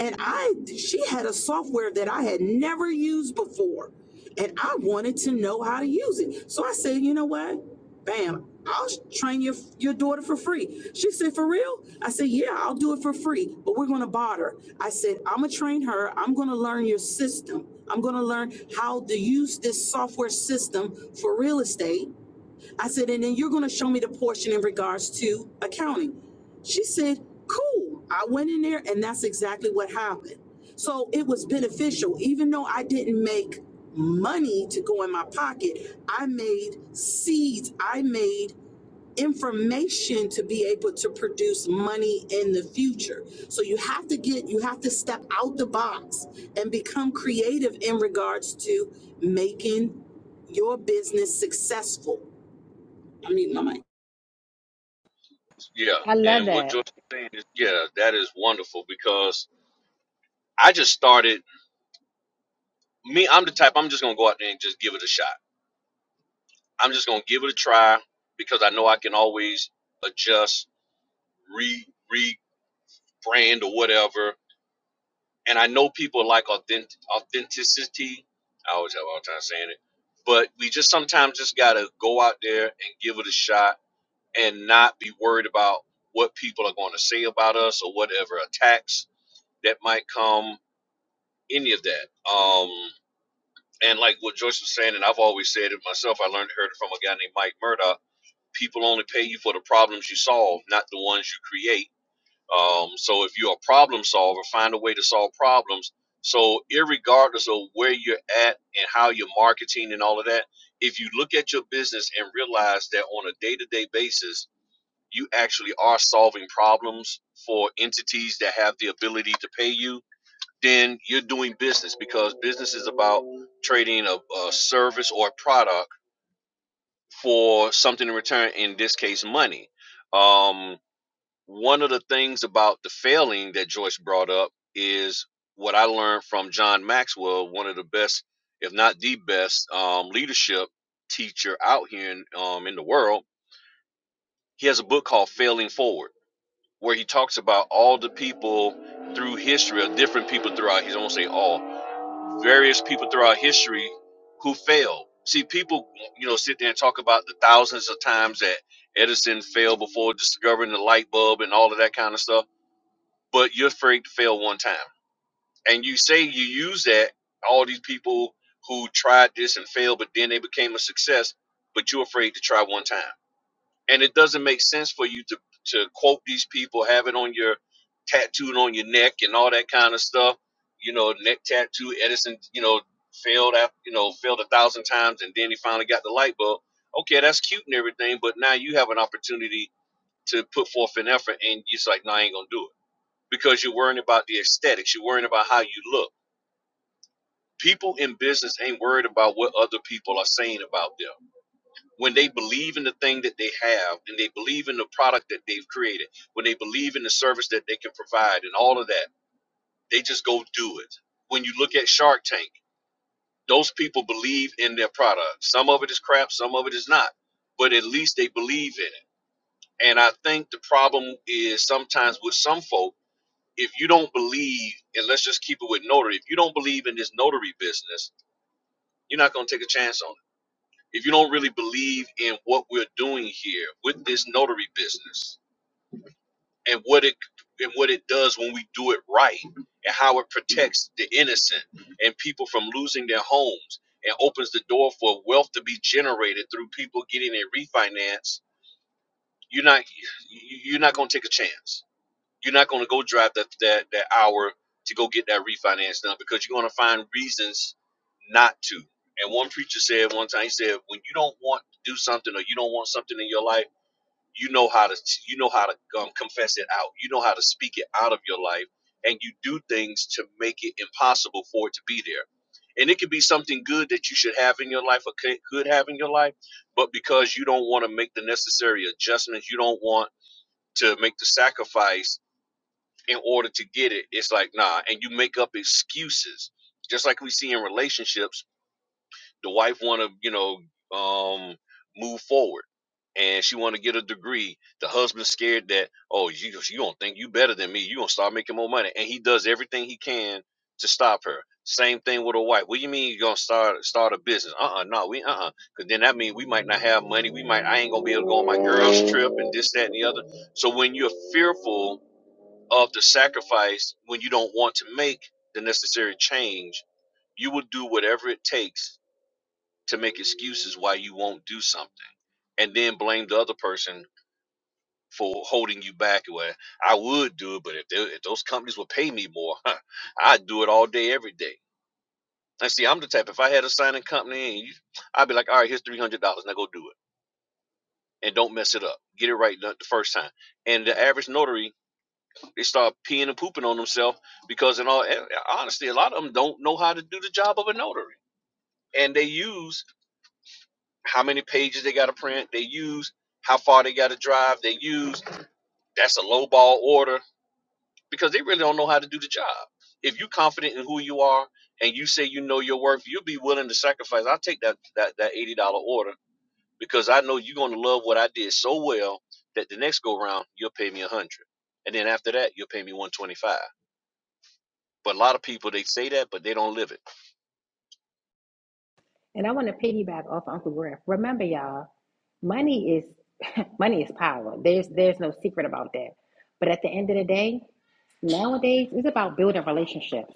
Speaker 6: And I she had a software that I had never used before. And I wanted to know how to use it. So I said, you know what? Bam, I'll train your your daughter for free. She said, for real? I said, yeah, I'll do it for free, but we're gonna bot her. I said, I'm gonna train her. I'm gonna learn your system. I'm gonna learn how to use this software system for real estate I said, and then you're going to show me the portion in regards to accounting. She said, cool. I went in there and that's exactly what happened. So it was beneficial. Even though I didn't make money to go in my pocket, I made seeds. I made information to be able to produce money in the future. So you have to get, you have to step out the box and become creative in regards to making your business successful I mean, my mic.
Speaker 4: Yeah,
Speaker 1: I love
Speaker 4: and what
Speaker 1: that.
Speaker 4: Joyce are saying is, yeah, that is wonderful because I just started. Me, I'm the type. I'm just gonna go out there and just give it a shot. I'm just gonna give it a try because I know I can always adjust, re rebrand or whatever. And I know people like authentic authenticity. I always have all the time saying it, but we just sometimes just gotta go out there and give it a shot and not be worried about what people are going to say about us or whatever attacks that might come any of that. Um, and like what Joyce was saying, and I've always said it myself, I learned heard it from a guy named Mike Murdoch. People only pay you for the problems you solve, not the ones you create. Um, so if you're a problem solver, find a way to solve problems. So irregardless of where you're at and how you're marketing and all of that, if you look at your business and realize that on a day-to-day basis, you actually are solving problems for entities that have the ability to pay you then you're doing business because business is about trading a, a service or a product for something in return in this case money um, one of the things about the failing that joyce brought up is what i learned from john maxwell one of the best if not the best um, leadership teacher out here in, um, in the world he has a book called failing forward where he talks about all the people through history or different people throughout he don't say all various people throughout history who failed. See, people, you know, sit there and talk about the thousands of times that Edison failed before discovering the light bulb and all of that kind of stuff. But you're afraid to fail one time, and you say you use that all these people who tried this and failed, but then they became a success. But you're afraid to try one time and it doesn't make sense for you to to quote these people, have it on your tattooed on your neck and all that kind of stuff. You know, neck tattoo. Edison, you know, failed after you know failed a thousand times, and then he finally got the light bulb. Okay, that's cute and everything, but now you have an opportunity to put forth an effort, and it's like, no, I ain't gonna do it because you're worrying about the aesthetics. You're worrying about how you look. People in business ain't worried about what other people are saying about them when they believe in the thing that they have and they believe in the product that they've created, when they believe in the service that they can provide and all of that, they just go do it. When you look at Shark Tank, those people believe in their product. Some of it is crap, some of it is not, but at least they believe in it. And I think the problem is sometimes with some folk, if you don't believe, and let's just keep it with notary, if you don't believe in this notary business, you're not going to take a chance on it if you don't really believe in what we're doing here with this notary business and what it and what it does when we do it right and how it protects the innocent and people from losing their homes and opens the door for wealth to be generated through people getting a refinance you're not you- you're not going to take a chance you're not going to go drive that, that that hour to go get that refinance done because you're going to find reasons not to. And one preacher said one time, he said, when you don't want to do something or you don't want something in your life, you know how to you know how to um, confess it out. You know how to speak it out of your life, and you do things to make it impossible for it to be there. And it could be something good that you should have in your life or could could have in your life, but because you don't want to make the necessary adjustments, you don't want to make the sacrifice in order to get it. It's like, nah, and you make up excuses. Just like we see in relationships, the wife want to, you know, um, move forward and she want to get a degree. The husband's scared that, oh, you, you don't think you better than me. you going to start making more money. And he does everything he can to stop her. Same thing with a wife. What do you mean you going to start start a business? Uh-uh, no, we uh-uh. Because then that means we might not have money. We might, I ain't going to be able to go on my girl's trip and this, that, and the other. So when you're fearful of the sacrifice when you don't want to make the necessary change you will do whatever it takes to make excuses why you won't do something and then blame the other person for holding you back where i would do it but if, they, if those companies would pay me more i'd do it all day every day and see i'm the type if i had a signing company and you, i'd be like all right here's $300 now go do it and don't mess it up get it right the the first time and the average notary They start peeing and pooping on themselves because, in all and honestly, a lot of them don't know how to do the job of a notary, and they use how many pages they got to print. They use how far they got to drive. They use that's a lowball order because they really don't know how to do the job. If you're confident in who you are and you say you know your worth, you'll be willing to sacrifice. I'll take that that that eighty dollar order because I know you're going to love what I did so well that the next go round you'll pay me a hundred, dollars. and then after that you'll pay me one twenty five. But a lot of people they say that, but they don't live it.
Speaker 1: And I want to piggyback off Uncle Griff. Remember, y'all, money is money is power. There's there's no secret about that. But at the end of the day, nowadays it's about building relationships.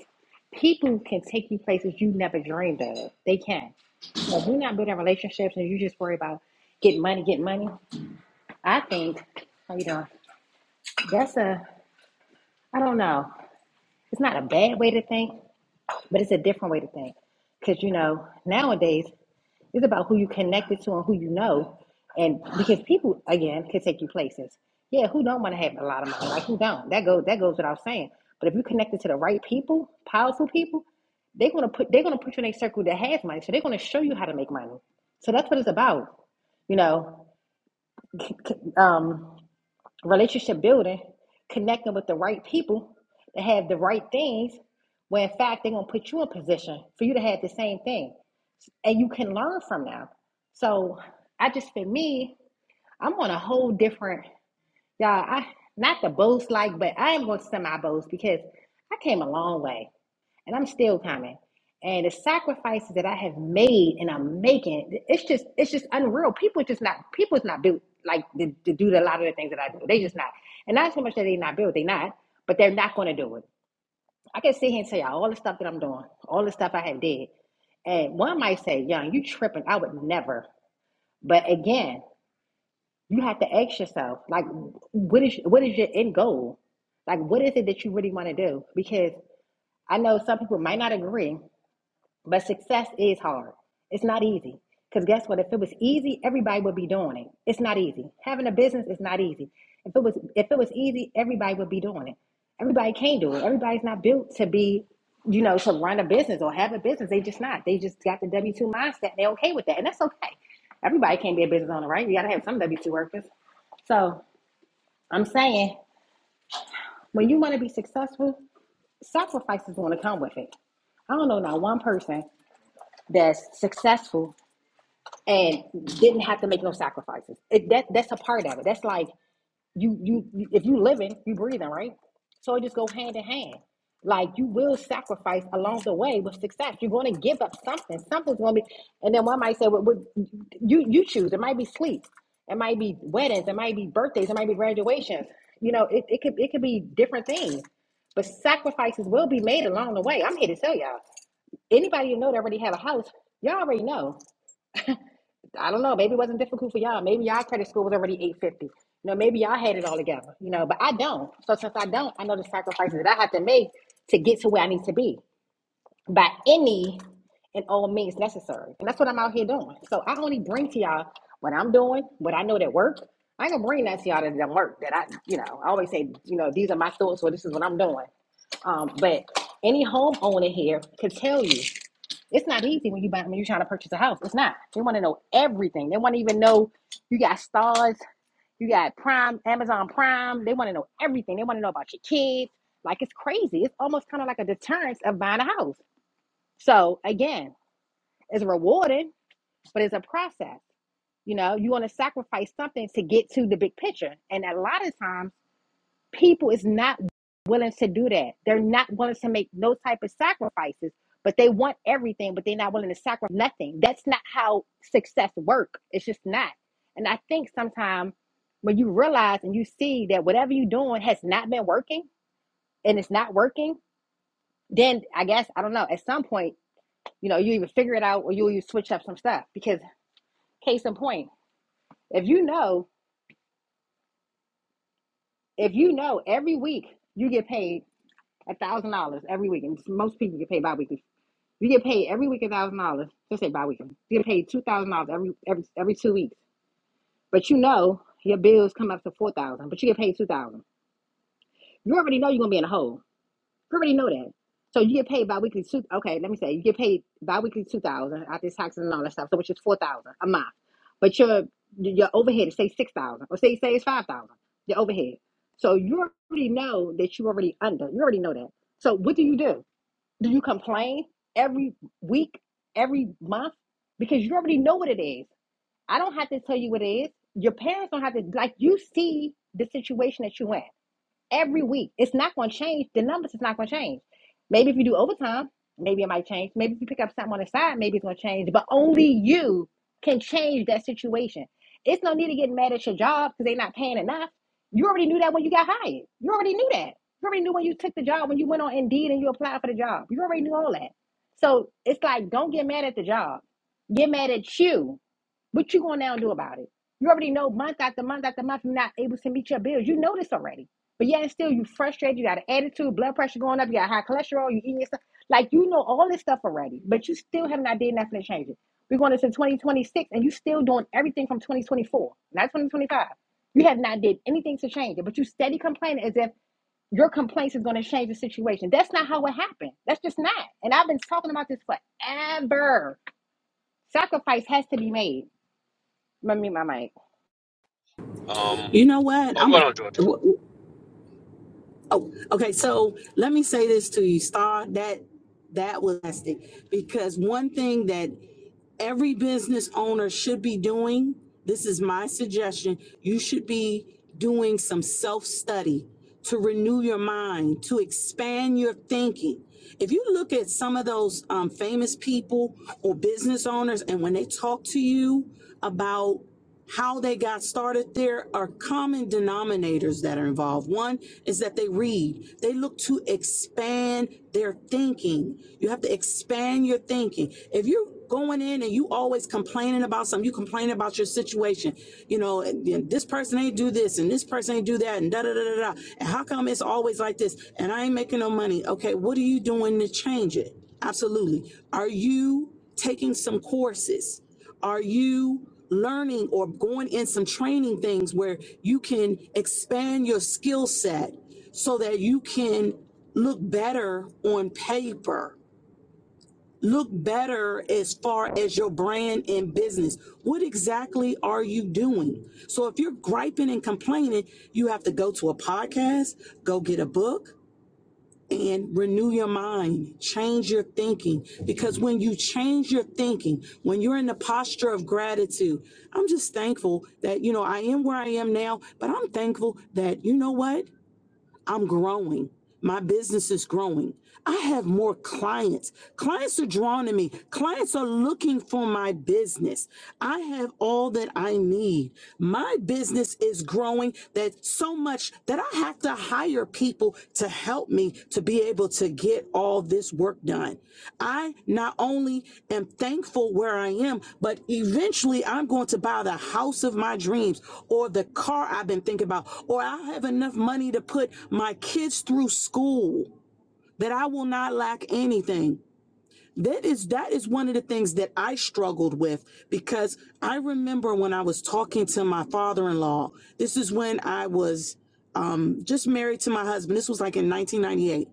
Speaker 1: People can take you places you never dreamed of. They can. So if you're not building relationships and you just worry about getting money, getting money, I think how you doing? That's a I don't know. It's not a bad way to think, but it's a different way to think. Because you know, nowadays It's about who you connected to and who you know. And because people again can take you places. Yeah, who don't want to have a lot of money? Like who don't? That goes that goes without saying. But if you're connected to the right people, powerful people, they're gonna put they're gonna put you in a circle that has money. So they're gonna show you how to make money. So that's about um, relationship building, connecting with the right people that have the right things. Where in fact they're gonna put you in position for you to have the same thing, and you can learn from them. So I just for me, I'm on a whole different, y'all. I not to boast like, but I am going to semi boast because I came a long way, and I'm still coming. And the sacrifices that I have made and I'm making, it's just it's just unreal. People just not people's not built like to, to do a lot of the things that I do. They just not, and not so much that they not built. They not, but they're not going to do it. I can sit here and tell y'all all the stuff that I'm doing, all the stuff I have did, and one might say, "Young, you tripping? I would never." But again, you have to ask yourself, like, what is what is your end goal? Like, what is it that you really want to do? Because I know some people might not agree, but success is hard. It's not easy. Because guess what? If it was easy, everybody would be doing it. It's not easy. Having a business is not easy. If it was if it was easy, everybody would be doing it. Everybody can't do it. Everybody's not built to be, you know, to run a business or have a business. They just not. They just got the W two mindset. They're okay with that, and that's okay. Everybody can't be a business owner, right? You got to have some W two workers. So I'm saying when you want to be successful, sacrifice is going to come with it. I don't know not one person that's successful and didn't have to make no sacrifices. It, that that's a part of it. That's like You, you you if you living, you breathing, right? So it just go hand in hand. Like you will sacrifice along the way with success. You're going to give up something. Something's going to be, and then one might say, "Well, what- you you choose. It might be sleep. It might be weddings. It might be birthdays. It might be graduations. You know, it, it could it could be different things. But sacrifices will be made along the way. I'm here to tell y'all. Anybody you know that already have a house, y'all already know. I don't know. Maybe it wasn't difficult for y'all. Maybe y'all credit score was already 850. You know, maybe y'all had it all together, you know, but I don't. So since I don't, I know the sacrifices that I have to make to get to where I need to be by any and all means necessary. And that's what I'm out here doing. So I only bring to y'all what I'm doing, what I know that work. I ain't gonna bring that to y'all that doesn't work. That I, you know, I always say, you know, these are my thoughts or this is what I'm doing. Um, but any homeowner here could tell you it's not easy when you buy when you're trying to purchase a house. It's not. They want to know everything. They want to even know you got stars, you got Prime, Amazon Prime. They want to know everything. They want to know about your kids. Like it's crazy. It's almost kind of like a deterrence of buying a house. So again, it's rewarding, but it's a process. You know, you want to sacrifice something to get to the big picture. And a lot of times people is not willing to do that. They're not willing to make no type of sacrifices, but they want everything, but they're not willing to sacrifice nothing. That's not how success work. It's just not. And I think sometimes when you realize and you see that whatever you're doing has not been working and it's not working, then I guess I don't know, at some point, you know, you either figure it out or you you switch up some stuff. Because case in point, if you know, if you know every week you get paid a thousand dollars every week, and most people get paid biweekly You get paid every week a thousand dollars. Let's say bi-weekly. You get paid two thousand dollars every every every two weeks. But you know your bills come up to four thousand, but you get paid two thousand. You already know you're gonna be in a hole. You already know that. So you get paid bi-weekly two. Okay, let me say you get paid bi-weekly two thousand after taxes and all that stuff. So which is four thousand a month. But your your overhead is say six thousand, or say say it's five thousand. Your overhead. So you already know that you already under. You already know that. So what do you do? Do you complain every week, every month? Because you already know what it is. I don't have to tell you what it is. Your parents don't have to, like, you see the situation that you're in every week. It's not going to change. The numbers is not going to change. Maybe if you do overtime, maybe it might change. Maybe if you pick up something on the side, maybe it's going to change. But only you can change that situation. It's no need to get mad at your job because they're not paying enough. You already knew that. You already know. You know that. So it's uh, give me what you don't do about it. You already Come out from not able to meet your bills. You know this already. But yet and still you frustrated, you got an attitude, blood pressure going up, you got high cholesterol, you eating your stuff Like you know all this stuff already, but you still have not did nothing to change it. We're going into 2026 and you still doing everything from 2024, not 2025. You have not did anything to change it, but you steady complaining as if your complaints is going to change the situation. That's not how it happened. That's just not. And I've been talking about this forever. Sacrifice has to be made. I mean, my mic.
Speaker 4: Um,
Speaker 6: You know what?
Speaker 4: oh,
Speaker 6: I'm
Speaker 4: go
Speaker 6: a. a
Speaker 4: on, George.
Speaker 6: Oh, okay. So let me say this to you, Star. That that was fantastic because one thing that every business owner should be doing. This is my suggestion. You should be doing some self study to renew your mind, to expand your thinking. If you look at some of those um, famous people or business owners, and when they talk to you about how they got started there are common denominators that are involved. One is that they read, they look to expand their thinking. You have to expand your thinking. If you're going in and you always complaining about something, you complain about your situation, you know, and, and this person ain't do this and this person ain't do that and da da da da da. And how come it's always like this and I ain't making no money? Okay, what are you doing to change it? Absolutely. Are you taking some courses? Are you learning or going in some training things where you can expand your skill set so that you can look better on paper? Look better as far as your brand and business. What exactly are you doing? So, if you're griping and complaining, you have to go to a podcast, go get a book, and renew your mind, change your thinking. Because when you change your thinking, when you're in the posture of gratitude, I'm just thankful that, you know, I am where I am now, but I'm thankful that, you know what? I'm growing. My business is growing. I have more clients. Clients are drawn to me. Clients are looking for my business. I have all that I need. My business is growing that so much that I have to hire people to help me to be able to get all this work done. I not only am thankful where I am, but eventually I'm going to buy the house of my dreams or the car I've been thinking about, or I'll have enough money to put my kids through school that I will not lack anything. That is that is one of the things that I struggled with because I remember when I was talking to my father-in-law. This is when I was um, just married to my husband. This was like in 1998.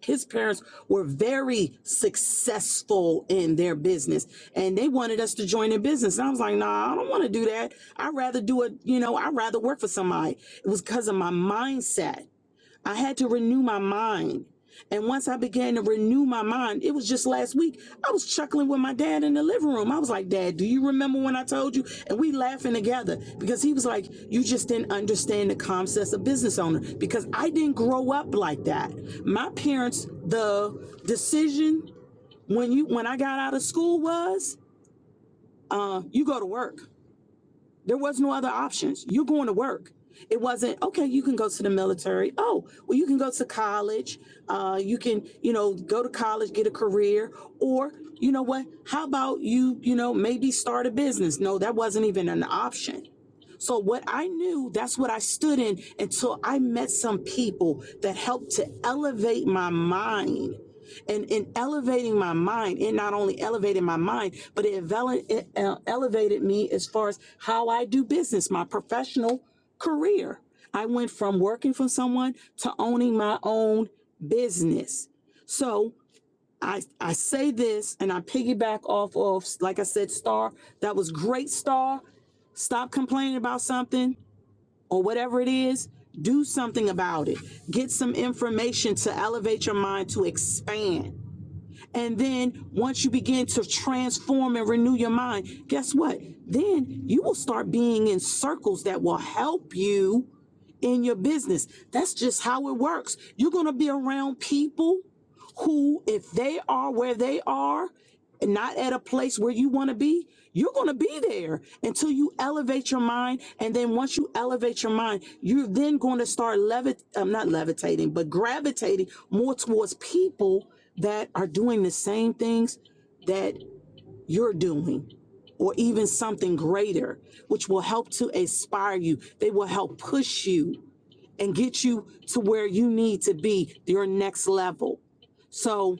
Speaker 6: His parents were very successful in their business, and they wanted us to join their business. And I was like, "Nah, I don't want to do that. I'd rather do it. You know, I'd rather work for somebody." It was because of my mindset I had to renew my mind. And once I began to renew my mind, it was just last week. I was chuckling with my dad in the living room. I was like, Dad, do you remember when I told you? And we laughing together because he was like, You just didn't understand the concepts of business owner because I didn't grow up like that. My parents, the decision when you when I got out of school was uh, you go to work. There was no other options. You're going to work. It wasn't okay. You can go to the military. Oh, well, you can go to college. Uh, you can, you know, go to college, get a career, or you know what? How about you, you know, maybe start a business? No, that wasn't even an option. So what I knew, that's what I stood in until I met some people that helped to elevate my mind and in elevating my mind, it not only elevated my mind, but it, vele- it uh, elevated me as far as how I do business, my professional career. I went from working for someone to owning my own business. So I, I say this and I piggyback off of, like I said, Star, that was great, Star. Stop complaining about something or whatever it is. Do something about it. Get some information to elevate your mind to expand and then once you begin to transform and renew your mind, guess what? Then you will start being in circles that will help you in your business. That's just how it works. You're going to be around people who, if they are where they are, and not at a place where you want to be, you're going to be there until you elevate your mind. And then once you elevate your mind, you're then going to start levit, um, not levitating, but gravitating more towards people that are doing the same things that you're doing or even something greater, which will help to inspire you. They will help push you and get you to where you need to be, your next level. So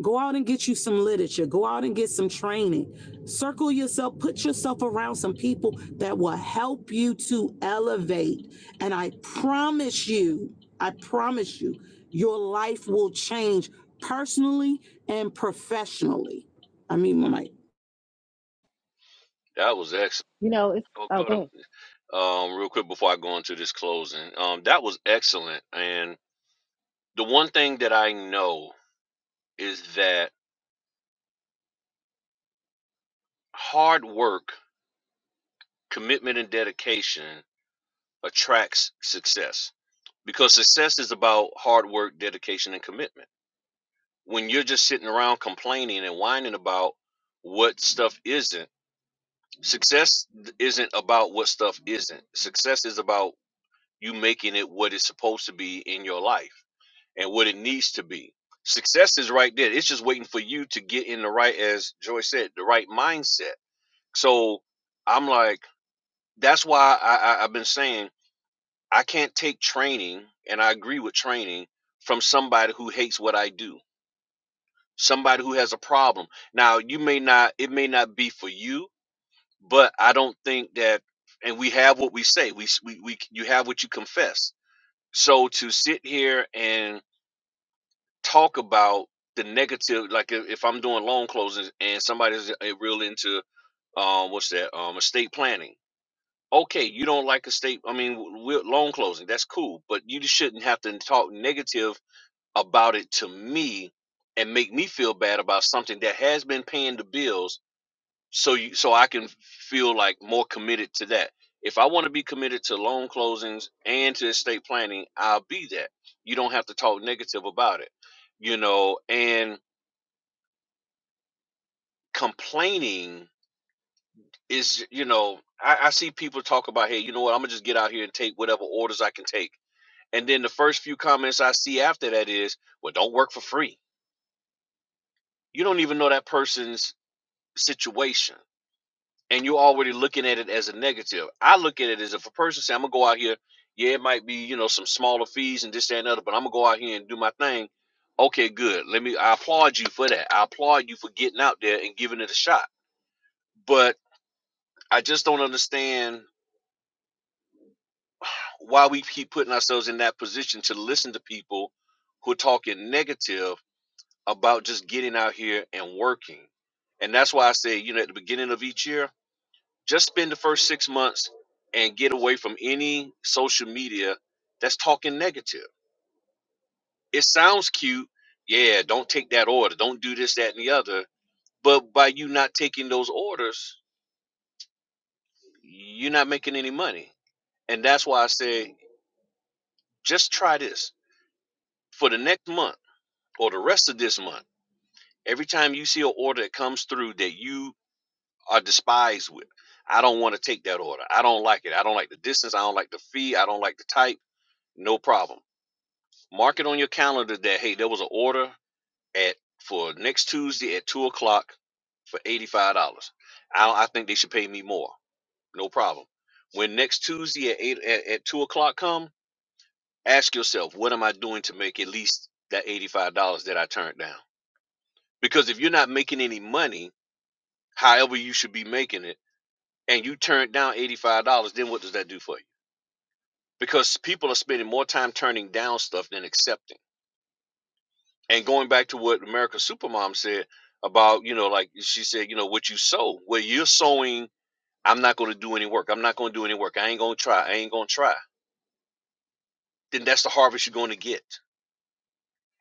Speaker 6: Go out and get you some literature. Go out and get some training. Circle yourself, put yourself around some people that will help you to elevate. And I promise you, I promise you, your life will change personally and professionally. I mean, my mic.
Speaker 4: That was excellent.
Speaker 1: You know, it's
Speaker 4: Oh,
Speaker 1: oh,
Speaker 4: go
Speaker 1: go ahead.
Speaker 4: to, um, real quick before I go into this closing. Um, that was excellent. And the one thing that I know is that hard work, commitment, and dedication attracts success because success is about hard work, dedication, and commitment. When you're just sitting around complaining and whining about what stuff isn't, success isn't about what stuff isn't. Success is about you making it what it's supposed to be in your life and what it needs to be. Success is right there. It's just waiting for you to get in the right, as Joy said, the right mindset. So I'm like, that's why I, I, I've been saying I can't take training, and I agree with training from somebody who hates what I do, somebody who has a problem. Now, you may not, it may not be for you, but I don't think that, and we have what we say. We, we, we, you have what you confess. So to sit here and talk about the negative like if, if i'm doing loan closings and somebody's uh, real into um what's that um estate planning okay you don't like estate i mean w- w- loan closing that's cool but you just shouldn't have to talk negative about it to me and make me feel bad about something that has been paying the bills so you so i can feel like more committed to that if i want to be committed to loan closings and to estate planning i'll be that you don't have to talk negative about it you know and complaining is you know I, I see people talk about hey you know what i'm gonna just get out here and take whatever orders i can take and then the first few comments i see after that is well don't work for free you don't even know that person's situation and you're already looking at it as a negative i look at it as if a person say i'm gonna go out here yeah it might be you know some smaller fees and this that and other but i'm gonna go out here and do my thing okay good let me i applaud you for that i applaud you for getting out there and giving it a shot but i just don't understand why we keep putting ourselves in that position to listen to people who are talking negative about just getting out here and working. And that's why I say, you know, at the beginning of each year, just spend the first six months and get away from any social media that's talking negative. It sounds cute. Yeah, don't take that order. Don't do this, that, and the other. But by you not taking those orders, you're not making any money. And that's why I say, just try this for the next month or the rest of this month Every time you see an order that comes through that you are despised with, I don't want to take that order. I don't like it. I don't like the distance. I don't like the fee. I don't like the type. No problem. Mark it on your calendar that hey, there was an order at for next Tuesday at two o'clock for eighty five dollars. I I think they should pay me more. No problem. When next Tuesday at eight at, at two o'clock come, ask yourself what am I doing to make at least that eighty five dollars that I turned down. Because if you're not making any money, however you should be making it and you turn down $85, then what does that do for you? Because people are spending more time turning down stuff than accepting. And going back to what America's Supermom said about, you know, like she said, you know, what you sow, Well, you're sowing, I'm not going to do any work. I'm not going to do any work. I ain't going to try. I ain't going to try. Then that's the harvest you're going to get.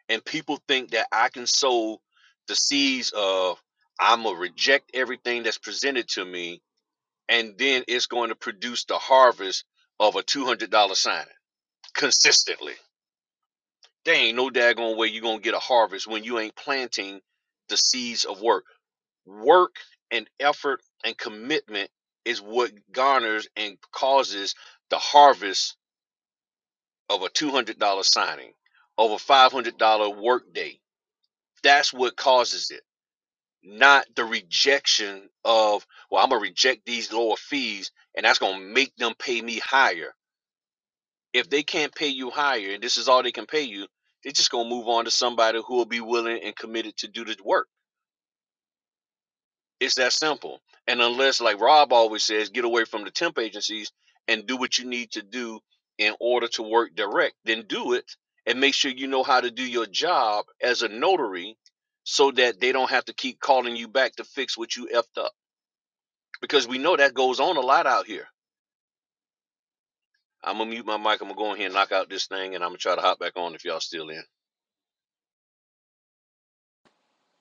Speaker 4: And people think that I can sow the seeds of, I'm going to reject everything that's presented to me. And then it's going to produce the harvest of a $200 signing consistently There ain't no daggone way you're gonna get a harvest when you ain't planting the seeds of work. Work and effort and commitment is what garners and causes the harvest of a two hundred dollar signing, of a five hundred dollar work day. That's what causes it, not the rejection of well, I'm gonna reject these lower fees and that's gonna make them pay me higher if they can't pay you higher and this is all they can pay you, they're just gonna move on to somebody who will be willing and committed to do the work. It's that simple. And unless, like Rob always says, get away from the temp agencies and do what you need to do in order to work direct, then do it and make sure you know how to do your job as a notary so that they don't have to keep calling you back to fix what you effed up. Because we know that goes on a lot out here. I'm gonna mute my mic. I'm gonna go in here and knock out this thing, and I'm gonna try to hop back on if y'all still in.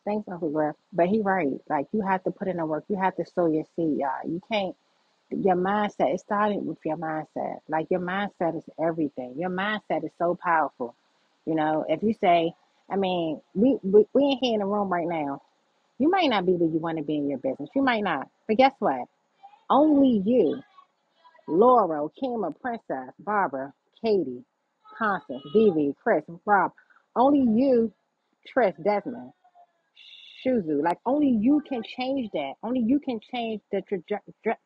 Speaker 1: Thanks, Uncle Griff. But he right. Like you have to put in the work. You have to sow your seed, y'all. You can't your mindset, it started with your mindset. Like your mindset is everything. Your mindset is so powerful. You know, if you say, I mean, we, we we in here in the room right now. You might not be where you want to be in your business. You might not. But guess what? Only you, Laura, Kima, Princess, Barbara, Katie, Constance, Vivi, Chris, Rob, only you, Trish, Desmond. Shuzu. Like only you can change that. Only you can change the traje- dra-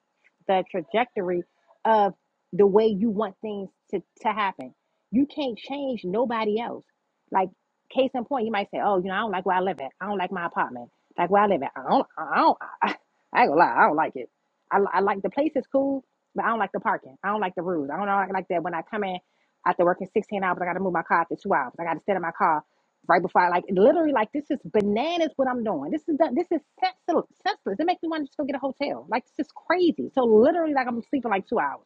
Speaker 1: the trajectory of the way you want things to, to happen. You can't change nobody else. Like case in point, you might say, "Oh, you know, I don't like where I live at. I don't like my apartment. Like where I live at. I don't. I don't. I, I ain't gonna lie. I don't like it. I, I like the place is cool, but I don't like the parking. I don't like the rules. I don't know, I like that when I come in after working 16 hours. I got to move my car after two hours. I got to sit in my car right before I like literally like this is bananas what I'm doing. This is done. This is senseless. Senseless. It makes me want to just go get a hotel. Like this is crazy. So literally like I'm sleeping like two hours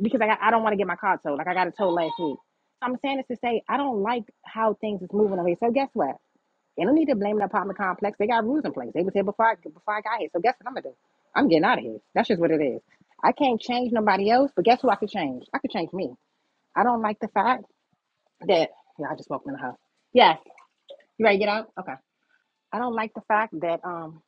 Speaker 1: because I got, I don't want to get my car towed. Like I got it towed last week. So, I'm saying this to say I don't like how things is moving away. So guess what? They don't need to blame the apartment complex. They got rules in place. They was here before I before I got here. So guess what I'm gonna do? I'm getting out of here. That's just what it is. I can't change nobody else, but guess who I could change? I could change me. I don't like the fact that yeah, I just walked in the house. Yes. You ready to get out? Okay. I don't like the fact that um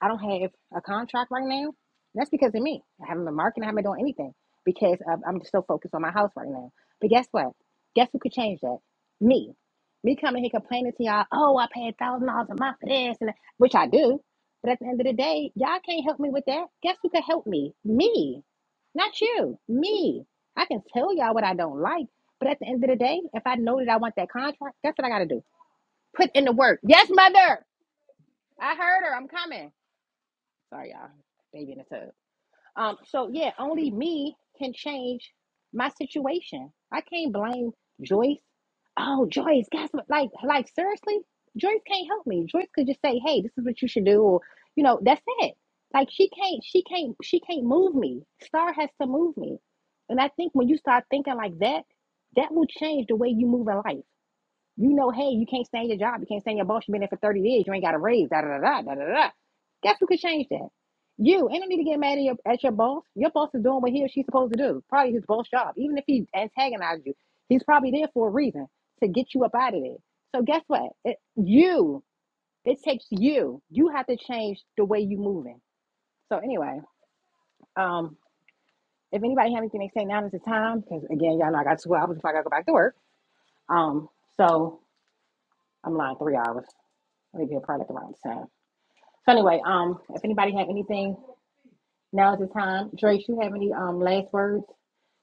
Speaker 1: I don't have a contract right now. That's because of me. I haven't been marketing. I haven't been doing anything because of, I'm just so focused on my house right now. But guess what? Guess who could change that? Me. Me coming here complaining to y'all. Oh, I paid thousand dollars a month for this and that, which I do. But at the end of the day, y'all can't help me with that. Guess who could help me? Me, not you. Me. I can tell y'all what I don't like. But at the end of the day, if I know that I want that contract, guess what I got to do? Put in the work. Yes, mother. I heard her. I'm coming. Sorry, y'all. Baby in the tub. Um, so yeah, only me can change my situation. I can't blame Joyce. Oh, Joyce, guess what? Like, like seriously, Joyce can't help me. Joyce could just say, "Hey, this is what you should do," or you know, that's it. Like she can't, she can't, she can't move me. Star has to move me. And I think when you start thinking like that, that will change the way you move in life. You know, hey, you can't stand your job, you can't stand your boss. You've been there for thirty years. You ain't got a raise. Da da da da da da. da. Guess who could change that? Yeah, your, at your boss. Your boss, she's supposed to you. He's reason. So that it, you, it's you. You have to. So anyway, um, if it now is time work. I'm lying, three hours. Maybe a product around the wrong time. So anyway, um, now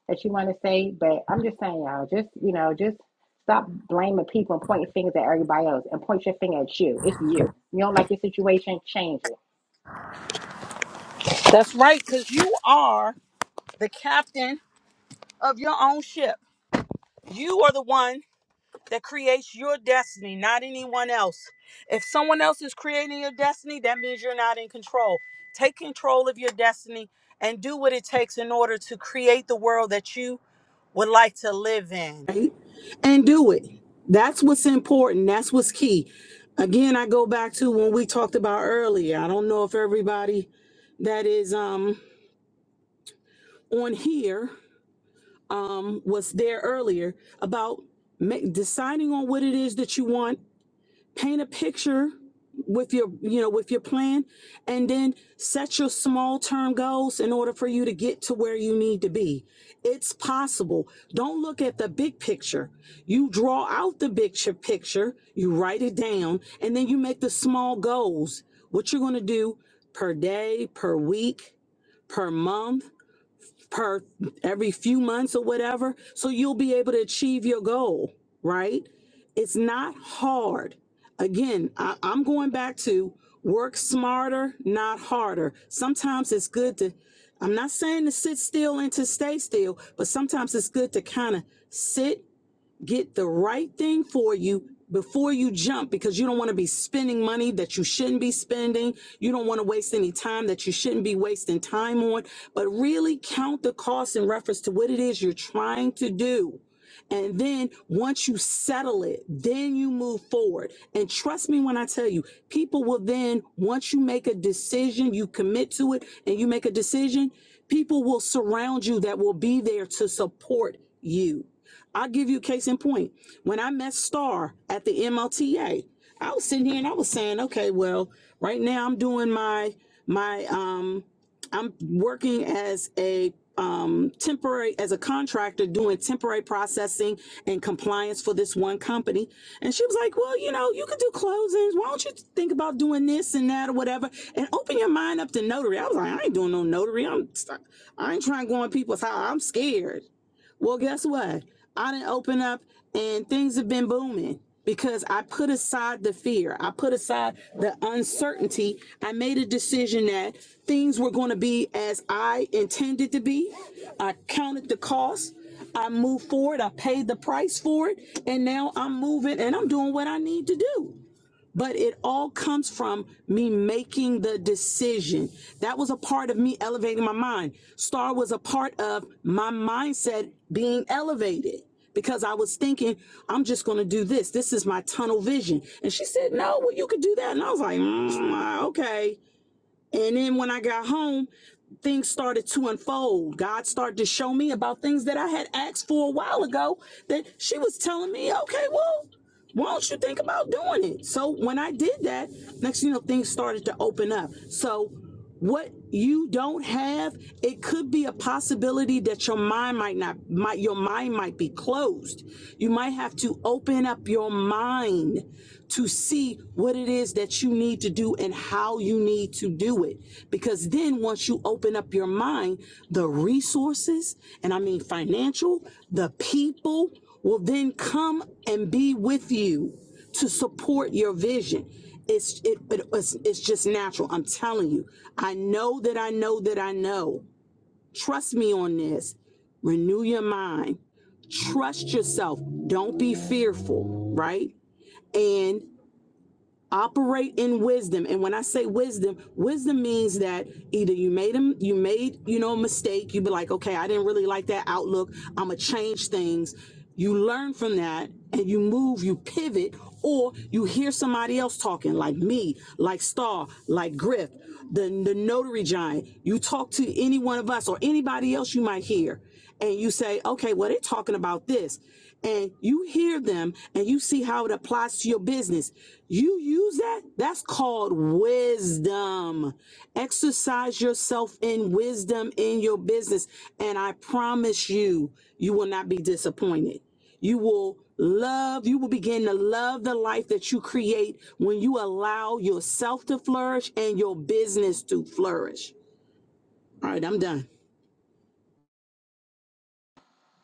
Speaker 1: that you know, just you know, just stop blaming, pointing fingers at everybody else, and point your finger at you. It's you. You don't like your situation, change it.
Speaker 6: That's right, because you are the captain of your own ship. You are the one that creates your destiny, not anyone else. If someone else is creating your destiny, that means you're not in control. Take control of your destiny and do what it takes in order to create the world that you would like to live in. right? And do it. That's what's important. That's what's key. Again, I go back to when we talked about earlier. I don't know if everybody that is um on here um was there earlier about ma- deciding on what it is that you want paint a picture with your you know with your plan and then set your small term goals in order for you to get to where you need to be it's possible don't look at the big picture you draw out the big picture you write it down and then you make the small goals what you're going to do per day per week per month per every few months or whatever. So you'll be able to achieve your goal, right? It's not hard. Again, I, I'm going back to work smarter, not harder. Sometimes it's good to, I'm not saying to sit still and to stay still, but sometimes it's good to kind of sit get the right thing for you before you jump because you don't want to be spending money that you shouldn't be spending. You don't want to waste any time that you shouldn't be wasting time on, but really count the cost in reference to what it is you're trying to do. And then once you settle it, then you move forward. And trust me when I tell you, people will then, once you make a decision, you commit to it and you make a decision, people will surround you that will be there to support you. I'll give you a case in point. When I met Star at the MLTA, I was sitting here and I was saying, okay, well, right now I'm doing my my um I'm working as a um, temporary, as a contractor doing temporary processing and compliance for this one company. And she was like, well, you know, you could do closings. Why don't you think about doing this and that or whatever and open your mind up to notary? I was like, I ain't doing no notary. I'm, I ain't trying to go on people's house. I'm scared. Well, guess what? I didn't open up and things have been booming because I put aside the fear. I put aside the uncertainty. I made a decision that things were going to be as I intended to be. I counted the cost. I moved forward. I paid the price for it. And now I'm moving and I'm doing what I need to do but it all comes from me making the decision. That was a part of me elevating my mind. Star was a part of my mindset being elevated because I was thinking, I'm just going to do this. This is my tunnel vision. And she said, No, well, you could do that. And I was like, mm, okay. And then when I got home, things started to unfold. God started to show me about things that I had asked for a while ago that she was telling me, okay, well, why don't you think about doing it? So when I did that, next thing you know, things started to open up. So what you don't have it could be a possibility that your mind might not might your mind might be closed you might have to open up your mind to see what it is that you need to do and how you need to do it because then once you open up your mind the resources and i mean financial the people will then come and be with you to support your vision it's it, but it's, it's just natural. I'm telling you. I know that I know that I know. Trust me on this. Renew your mind. Trust yourself. Don't be fearful, right? And operate in wisdom and when i say wisdom wisdom means that either you made them you made you know a mistake you be like okay i didn't really like that outlook i'm gonna change things you learn from that and you move you pivot or you hear somebody else talking like me like star like griff the, the notary giant you talk to any one of us or anybody else you might hear and you say, okay, well, they're talking about this, and you hear them and you see how it applies to your business, you use that. That's called wisdom. Exercise yourself in wisdom in your business, and I promise you, you will not be disappointed. You will love, you will begin to love the life that you create when you allow yourself to flourish and your business to flourish. All right, I'm done.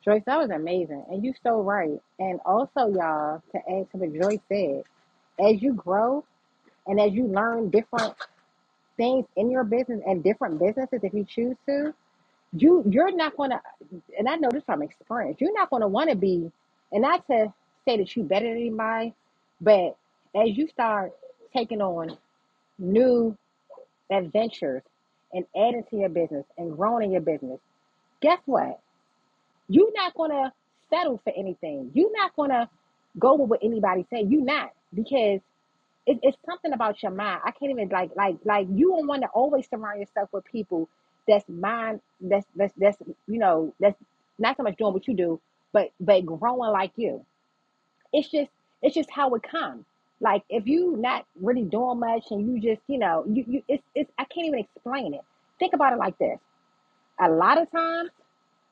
Speaker 1: Joyce, that was amazing, and you so right. And also, y'all, to add to what Joyce said, as you grow and as you learn different things in your business and different businesses if you choose to, you you're not gonna and I know this from experience, you're not gonna wanna be and not to say that you better than anybody, but as you are taking on new adventures and adding to your business and growing in your business, guess what? You're not gonna settle for anything. You're not gonna go with what anybody say. You not because it, it's something about your mind. I can't even like like like you don't want to always surround yourself people that's mind that's that's that's you know that's not so much doing what you do, but but growing like you. It's just it's just how it comes. Like if you not really doing much and you just you know you you it's it's I can't even explain it. Think about it like this. A lot of times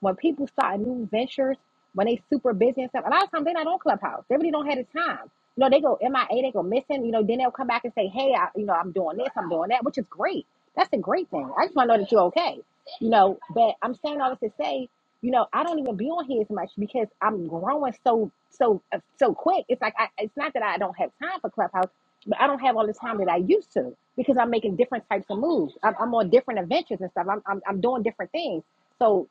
Speaker 1: when people start new ventures, when they super busy and stuff, a lot of times they're not on Clubhouse. They really don't have the time. You know, they go MIA, they go missing. You know, then they'll come back and say, hey, I, you know, I'm doing this, I'm doing that, which is great. That's a great thing. I just want to know that you're okay. You know, but I'm saying all this to say, you know, I don't even be on here as much because I'm growing so, so, uh, so quick. It's like, I, it's not that I don't have time for Clubhouse, but I don't have all the time that I used to because I'm making different types of moves. I'm, I'm on different adventures and stuff. I'm, I'm, I'm doing different things. So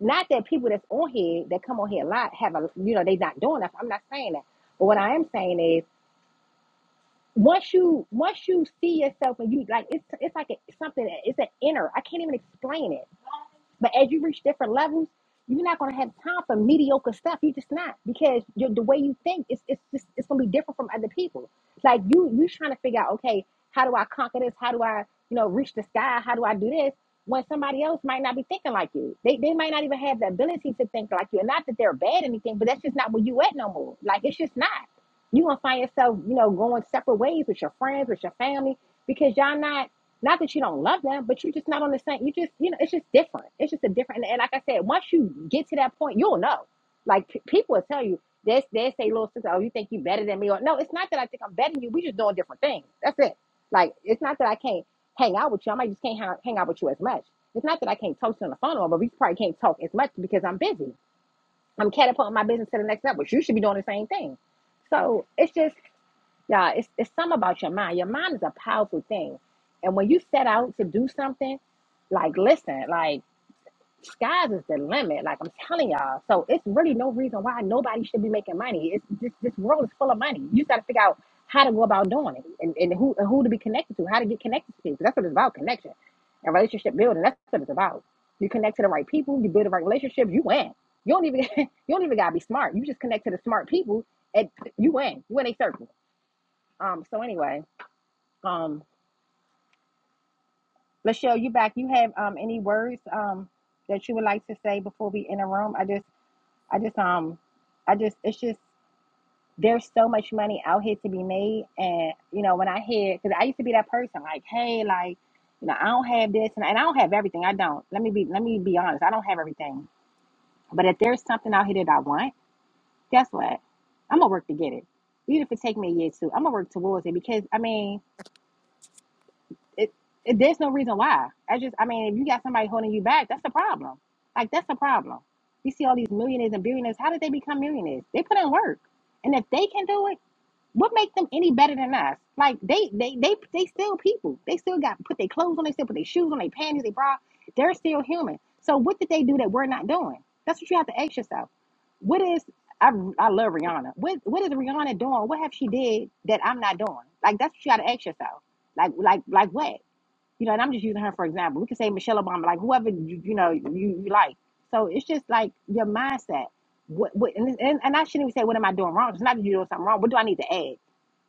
Speaker 1: not that people that's on here that come on here a lot have a you know they not doing that. I'm not saying that. But what I am saying is once you once you see yourself and you like it's it's like a, something it's an inner. I can't even explain it but as you reach different levels, you're not gonna have time for mediocre stuff. You're just not because you're, the way you think it's it's just it's gonna be different from other people. Like you you trying to figure out okay how do I conquer this? How do I you know reach the sky? How do I do this? When somebody else might not be thinking like you, they they might not even have the ability to think like you. And not that they're bad or anything, but that's just not where you at no more. Like it's just not. You gonna find yourself you know going separate ways with your friends with your family because y'all not not that you don't love them, but you're just not on the same. You just, you know, it's just different. It's just a different. And, like I said, once you get to that point, you'll know. Like p- people will tell you, they they say, little sister, oh, you think you better than me? Or no, it's not that I think I'm better than you. We just doing different things. That's it. Like it's not that I can't hang out with you. I might just can't hang, hang out with you as much. It's not that I can't talk to you on the phone, or but we probably can't talk as much because I'm busy. I'm catapulting my business to the next level. You should be doing the same thing. So it's just yeah, it's it's something about your mind. Your mind is a powerful thing, and when you set out to do something, like listen, like skies is the limit. Like I'm telling y'all, so it's really no reason why nobody should be making money. It's this this world is full of money. You got to figure out how to go about doing it, and, and who and who to be connected to, how to get connected to people. That's what it's about, connection and relationship building. That's what it's about. You connect to the right people, you build a man. You don't even you don't even and you um sorry. Lachelle, you back. You have um any words um that you would like to say before we in the room? I just I just um I just it's just there's so much money out here to be made and you know when I hear because I used to be that person like hey like you know I don't have this and, and I don't have everything I don't let me be let me be honest I don't have everything but if there's something out here that I want guess what I'm gonna work to get it even if it take me a year or two I'm gonna work towards it because I mean It, it there's no reason why. I just I mean, if you got somebody holding you back, that's the problem. Like that's the problem. You see all these millionaires and billionaires. How did they become millionaires? They put in work, and if they can do it, what make them any better than us? Like they they they they still people. They still got put their clothes on. They still put their shoes on. Their bra. They're human. So that's what I read that I doing so. Like what? You know, and I'm just using her for example. We could say Michelle Obama, like whoever you, you know you, you like. So it's just like your mindset. What, what and, this- and and I shouldn't even say what am I doing wrong. It's not that you're doing something wrong. What do I need to add?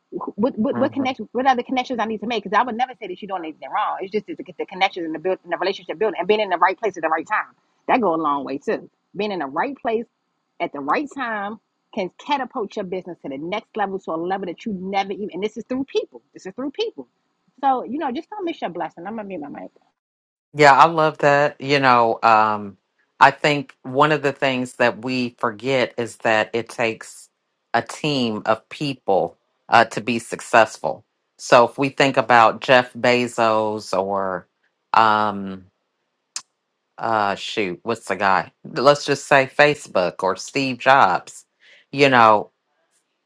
Speaker 1: What what what connection? What other connections I need to make? Because I would never say that you're doing anything wrong. It's just to get the connections and the build and the relationship building and being in the right place at the right time. That go a long way too. Being in the right place at the right time can catapult your business to the next level, to a level that you never even. And this is through people. This is through people. So you know, just don't miss your blessing. I'm gonna be my mic.
Speaker 5: Yeah, I love that. You know, um, I think one of the things that we forget is that it takes a team of people uh, to be successful. So if we think about Jeff Bezos or, um, uh, shoot, what's the guy? Let's just say Facebook or Steve Jobs. You know,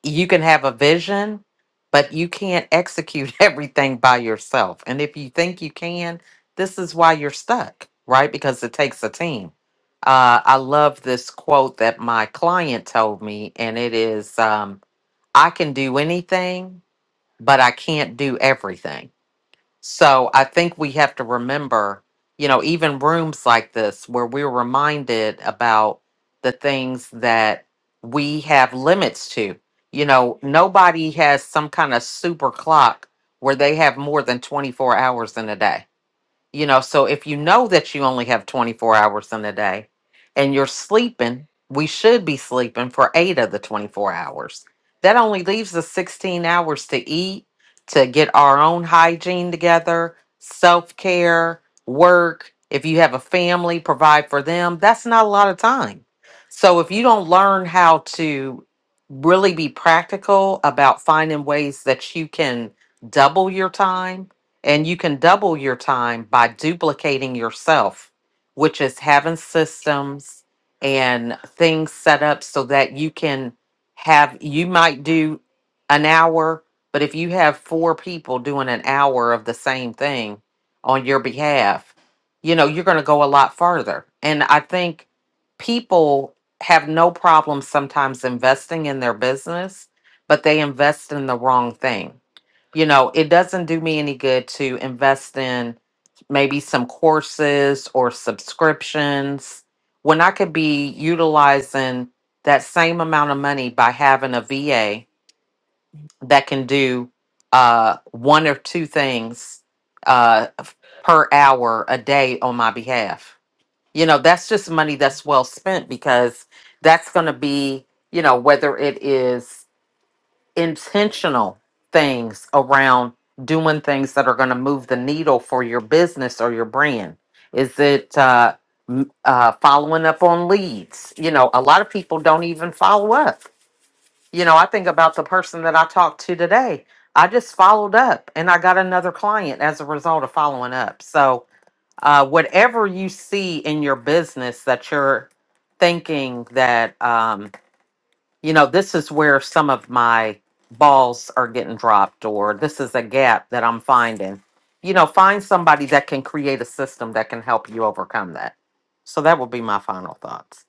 Speaker 5: you can have a vision, but you can't execute everything by yourself. And if you think you can, this is why you're stuck, right? Because it takes a team. Uh, I love this quote that my client told me, and it is um, I can do anything, but I can't do everything. So I think we have to remember, you know, even rooms like this where we're reminded about the things that we have limits to. You know, nobody has some kind of super clock where they have more than 24 hours in a day you know, so if you know that you only have 24 hours in a day and you're sleeping, we should be sleeping for eight of the 24 hours. That only leaves us 16 hours to eat, to get our own hygiene together, self care, work. If you have a family, provide for them. That's not a lot of time. So if you don't learn how to really be practical about finding ways that you can double your time, and you can double your time by duplicating yourself, which is having systems and things set up so that you can have, you might do an hour, but if you have four people doing an hour of the same thing on your behalf, you know, you're going to go a lot farther. And I think people have no problem sometimes investing in their business, but they invest in the wrong thing you know, it doesn't do me any good to invest in maybe some courses or subscriptions when I could be utilizing that same amount of money by having a VA that can do uh, one or two things uh, f- per hour a day on my behalf. You know, that's just money that's well spent because that's going to be, you know, whether it is intentional things around doing things that are going to move the needle for your business or your brand? Is it uh, m- uh, following up on leads? You know, a lot of people don't even follow up. You know, I think about the person that I talked to today. I just followed up and I got another client as a result of following up. So, uh, whatever you see in your business that you're thinking that um, you know, this is where some of my balls are getting dropped, or this is a gap that I'm finding. You know, find somebody that can create a system that can help you overcome that. So that would be my final thoughts.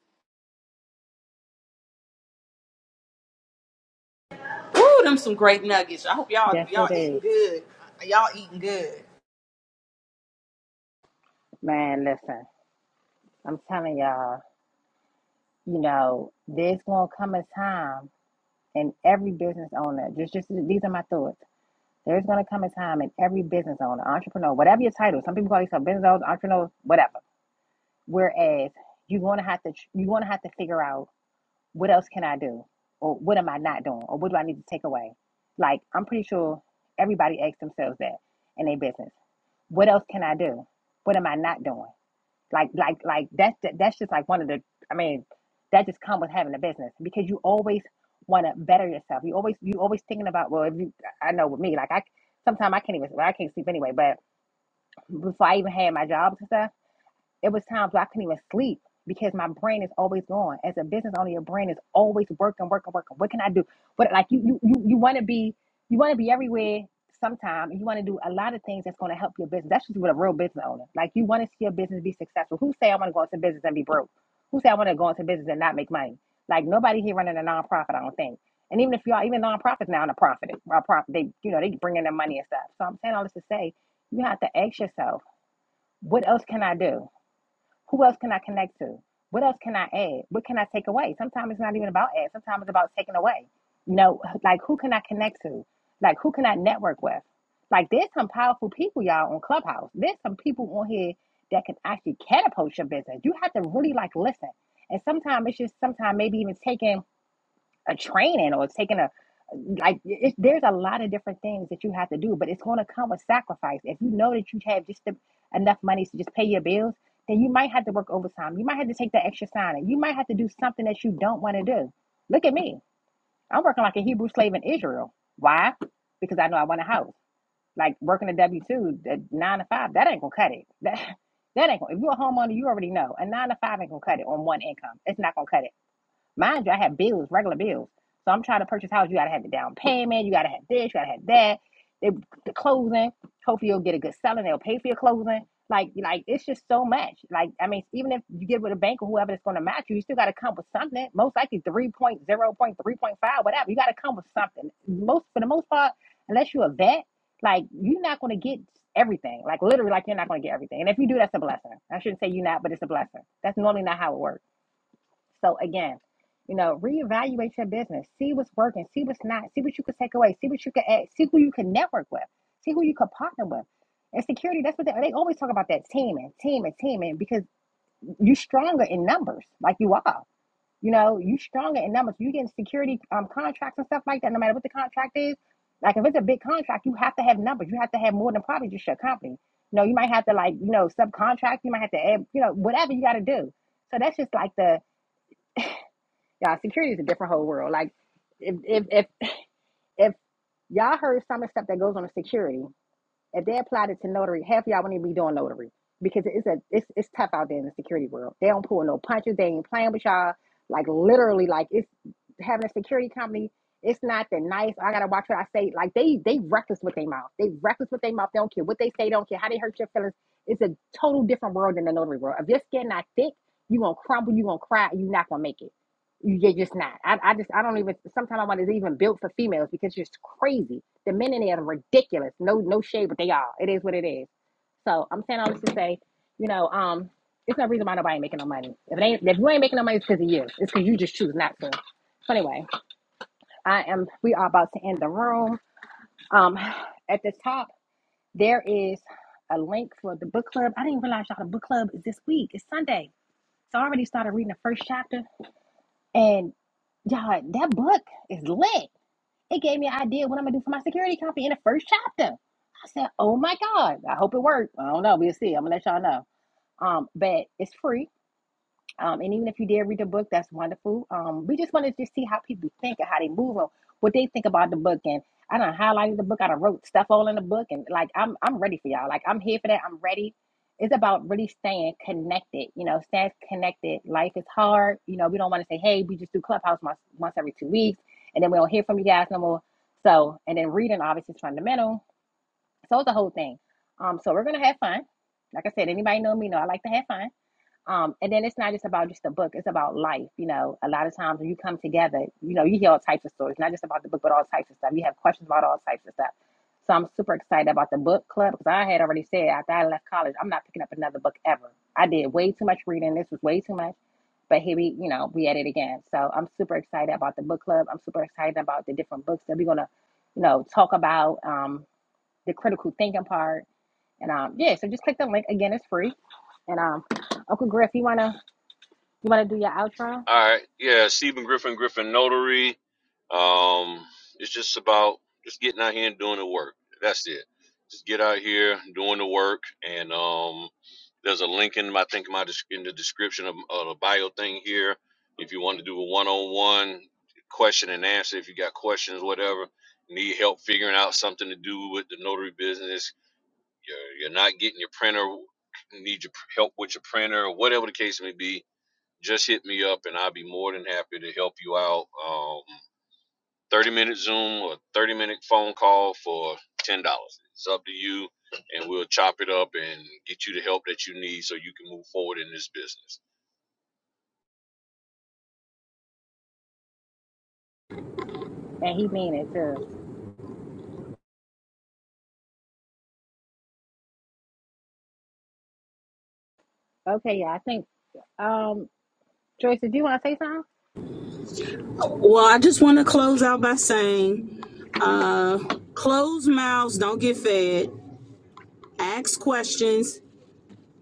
Speaker 6: Woo, them some great nuggets. I hope y'all
Speaker 1: Just
Speaker 6: y'all eating good. Y'all eating good.
Speaker 1: man, listen, I'm telling y'all, you know, there's gonna come a time in every business owner, just just these are my thoughts. There's gonna come a time in every business owner, entrepreneur, whatever your title, some people call yourself business owners, entrepreneurs, whatever. Whereas you go out, what else can do? Or, or what do I need to weigh? Like I'm sure everybody asks themselves that in their business. What else can I do? What am I not doing? Like like like that's that, that's just like one of the I mean that just comes with having a business because you always want to better yourself. You always you always thinking about well if you I know with me like I sometimes I can't even well I can't sleep anyway but before I even had my jobs and stuff it was times where I couldn't even sleep because my brain is always going. As a business owner, your brain is always working, working, working. What can I do? What like you you you, you want to be you want to be like Who said I want to go into business and not make money? Like nobody here running a nonprofit, I don't think. And even if you all even nonprofits now in a profit, a profit, they you know they bring in their money and stuff. So I'm saying all this to say, you have to ask yourself, what else can I do? Who else can I connect to? What else can I add? What can I take away? Sometimes it's not even about add. Sometimes it's about taking away. You know, like who can I connect to? Like who can I network with? Like there's some powerful people, y'all, on Clubhouse. There's some people on here that can actually catapult your business. You have to really like listen. And sometimes it's just sometimes maybe even taking a training or taking a like it, there's a lot of different things that you have to do but it's going to come with sacrifice if you know that you have just the, enough money to just pay your bills then you might have to work overtime you might have to take the extra sign and you might have to do something that you don't want to do look at me i'm working like a hebrew slave in israel why because i know i want a house like working a w2 the nine to five that ain't gonna cut it that that ain't gonna if you're a homeowner you already know a nine to five ain't gonna cut it on one income it's not gonna cut it Mind you, I have bills, regular bills. So I'm trying to purchase a house. You gotta have the down payment. You gotta have this. You gotta have that. They, the closing. Hopefully you'll get a good selling. They'll pay for your closing. Like like it's just so much. Like I mean, even if you get with a bank or whoever that's gonna match you, you still gotta come with something. Most likely three point zero, point three point five, whatever. You gotta come with something. Most for the most part, unless you're a vet, like you're not gonna get everything. Like literally, like you're not gonna get everything. And if you do, that's a blessing. I shouldn't say you not, but it's a blessing. That's normally not how it works. So again, you know, reevaluate your business. See what's working. See what's not. See what you can take away. See what you can add. See who you can network with. See who you can partner with. And security, that's what they, they always talk about that teaming, teaming, teaming, because you're stronger in numbers, like you are. You know, you are stronger in numbers. You getting security um, contracts and stuff like that, no matter what the contract is. Like if it's a big contract, you have to have numbers. You have to have more than probably just your company. You know, you might have to like, you know, subcontract, you might have to add, you know, whatever you gotta do. So that's just like the yeah, security is a different whole world. Like if if if, if y'all heard some of the stuff that goes on in security, if they applied it to notary, half of y'all wouldn't even be doing notary because it's a it's it's tough out there in the security world. They don't pull no punches. They ain't playing with y'all. Like literally, like it's having a security company. It's not the nice. "Oh, I gotta watch what I say. Like they they reckless with their mouth. They reckless with their mouth. They don't care what they say. They don't care how they hurt your feelings. It's a total different world than the notary world. If your skin not thick, you gonna crumble. You gonna cry. You not gonna make it. You- are just not. I, I just I don't even. Sometimes I want it's even built for females because it's just crazy the men in there are ridiculous. No, no shade, but they are. It is what it is. So I'm saying all this to say, you know, um, it's no reason why nobody ain't making no money. If it ain't, if you ain't making no money, it's because of you. It's because you just choose not to. So anyway, I am. We are about to end the room. Um, at the top there is a link for the book club. I didn't realize y'all the book club is this week. It's Sunday, so I already started reading the first chapter, and y'all, that book is lit. It gave me an idea of what I'm gonna do for my security company in the first chapter. I said, "Oh my god, I hope it worked." I don't know. We'll see. I'm gonna let y'all know. Um, but it's free. Um, and even if you did read the book, that's wonderful. Um, we just want to just see how people think and how they move on, what they think about the book. And I done highlighted the book. I done wrote stuff all in the book. And like, I'm, I'm ready for y'all. Like, I'm here for that. I'm ready. It's about really staying connected, you know, staying connected. Life is hard. You know, we don't want to say, hey, we just do Clubhouse once, once every two weeks. And then we don't hear from you guys no more. So, and then reading obviously is fundamental. So it's the whole thing. Um, so we're going to have fun. Like I said, anybody know me know I like to have fun. Um, and then it's not just about just the book, it's about life. You know, a lot of times when you come together, you know, you hear all types of stories, not just about the book, but all types of stuff. You have questions about all types of stuff. So I'm super excited about the book club because I had already said after I left college, I'm not picking up another book ever. I did way too much reading. This was way too much. But here we, you know, we at it again. So I'm super excited about the book club. I'm super excited about the different books that we're gonna, you know, talk about, um, the critical thinking part. And um, yeah, so just click the link again, it's free. And um Uncle Griff, you wanna you want to do your outro?
Speaker 4: All right. Yeah, Stephen Griffin, Griffin Notary. Um, it's just about just getting out here and doing the work. That's it. Just get out here doing the work. And um, there's a link in my, I think my in the description of, of the bio thing here. If you want to do a one-on-one question and answer, if you got questions, whatever, need help figuring out something to do with the notary business, you're, you're not getting your printer, need your help with your printer, or whatever the case may be just hit me up and I'll be more than happy to help you out. Um, 30 minute Zoom or 30 minute phone call for $10. It's up to you, and we'll chop it up and get you the help that you need so you can move forward in this business.
Speaker 1: And he mean it too. Okay. Thanks,
Speaker 6: Well, I just want to close out by saying, uh, closed mouths don't get fed. Ask questions,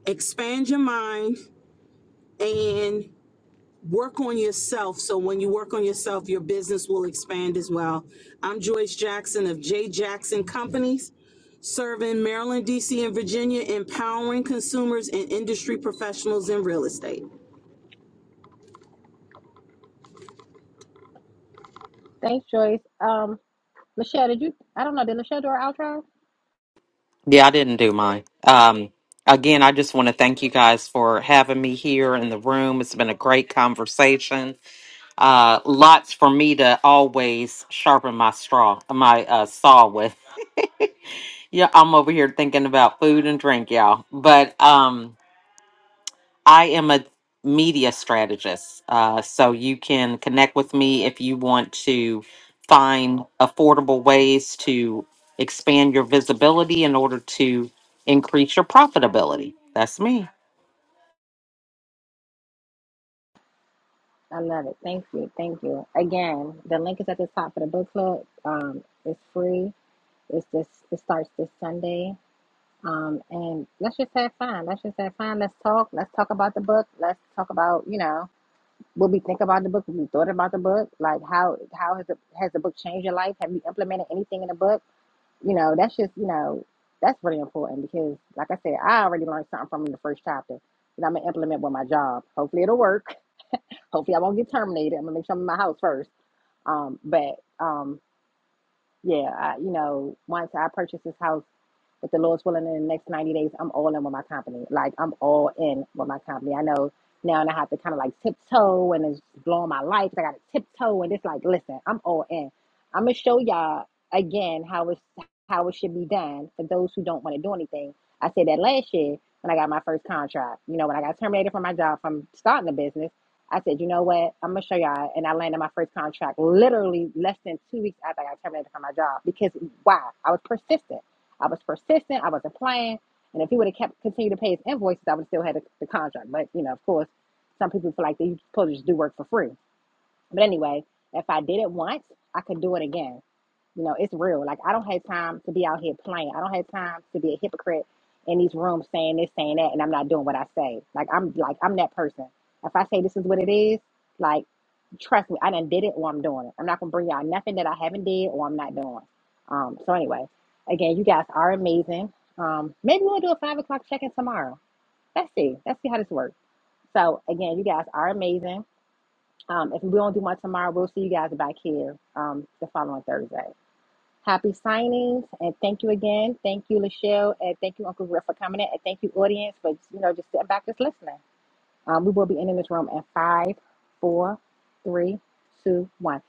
Speaker 6: expand your mind, and work on yourself. So when you work on yourself, your business will expand as well. I'm Joyce Jackson of J Jackson Companies, serving Maryland, DC, and Virginia, empowering consumers and industry professionals in real estate.
Speaker 1: thanks Joyce. Um, Michelle, did you? I don't know. Did Michelle do her outro?
Speaker 5: Yeah, I didn't do mine. Um, again, I just want to thank you guys for having me here in the room. It's been a great conversation. Uh, lots for me to always sharpen my straw, my uh, saw with. Yeah, I'm over here thinking about food and drink, y'all. But um, I am a media strategist. Uh, so you can connect with me if you want to find affordable ways to expand your visibility in order to increase your profitability. That's me.
Speaker 1: No, And now that I'm gonna implement with my job. Hopefully it'll work. Hopefully I won't get terminated. I'm gonna make sure I'm in my house first. Um, but um, yeah, I, you know, once I purchased this house. If the Lord's willing, in the next 90 days, I'm all in with my company. Like, I'm all in with my company. I know now and I have to kind of like tiptoe and it's blowing my life. I got to tiptoe and it's like, listen, I'm all in. I'm going to show y'all again how it's, how it should be done for those who don't want to do anything. I said that last year when I got my first contract. You know, when I got terminated from my job from starting a business, I said, you know what? I'm going to show y'all. And I landed my first contract literally less than two weeks after I got terminated from my job because why? I was persistent. I was persistent. I wasn't playing. And if he would have kept continued to pay his invoices, I would have still had the, the contract. But you know, of course, some people feel like they are supposed to just do work for free. But anyway, if I did it once, I could do it again. You know, it's real. Like I don't have time to be out here playing. I don't have time to be a hypocrite in these rooms saying this, saying that, and I'm not doing what I say. Like I'm like I'm that person. If I say this is what it is, like. Trust me, I done did it or I'm doing it. I'm not gonna bring y'all nothing that I haven't did or I'm not doing. Um, so anyway, again, you guys are amazing. Um, maybe we'll do a five o'clock check-in tomorrow. Let's see. Let's see how this works. So again, you guys are amazing. Um, if we don't do one tomorrow, we'll see you guys back here um, the following Thursday. Happy signings and thank you again. Thank you, Lachelle, and thank you, Uncle Griff, for coming in, and thank you, audience, for you know just sitting back just listening. Um, we will be ending this room at five, four, three, two, one.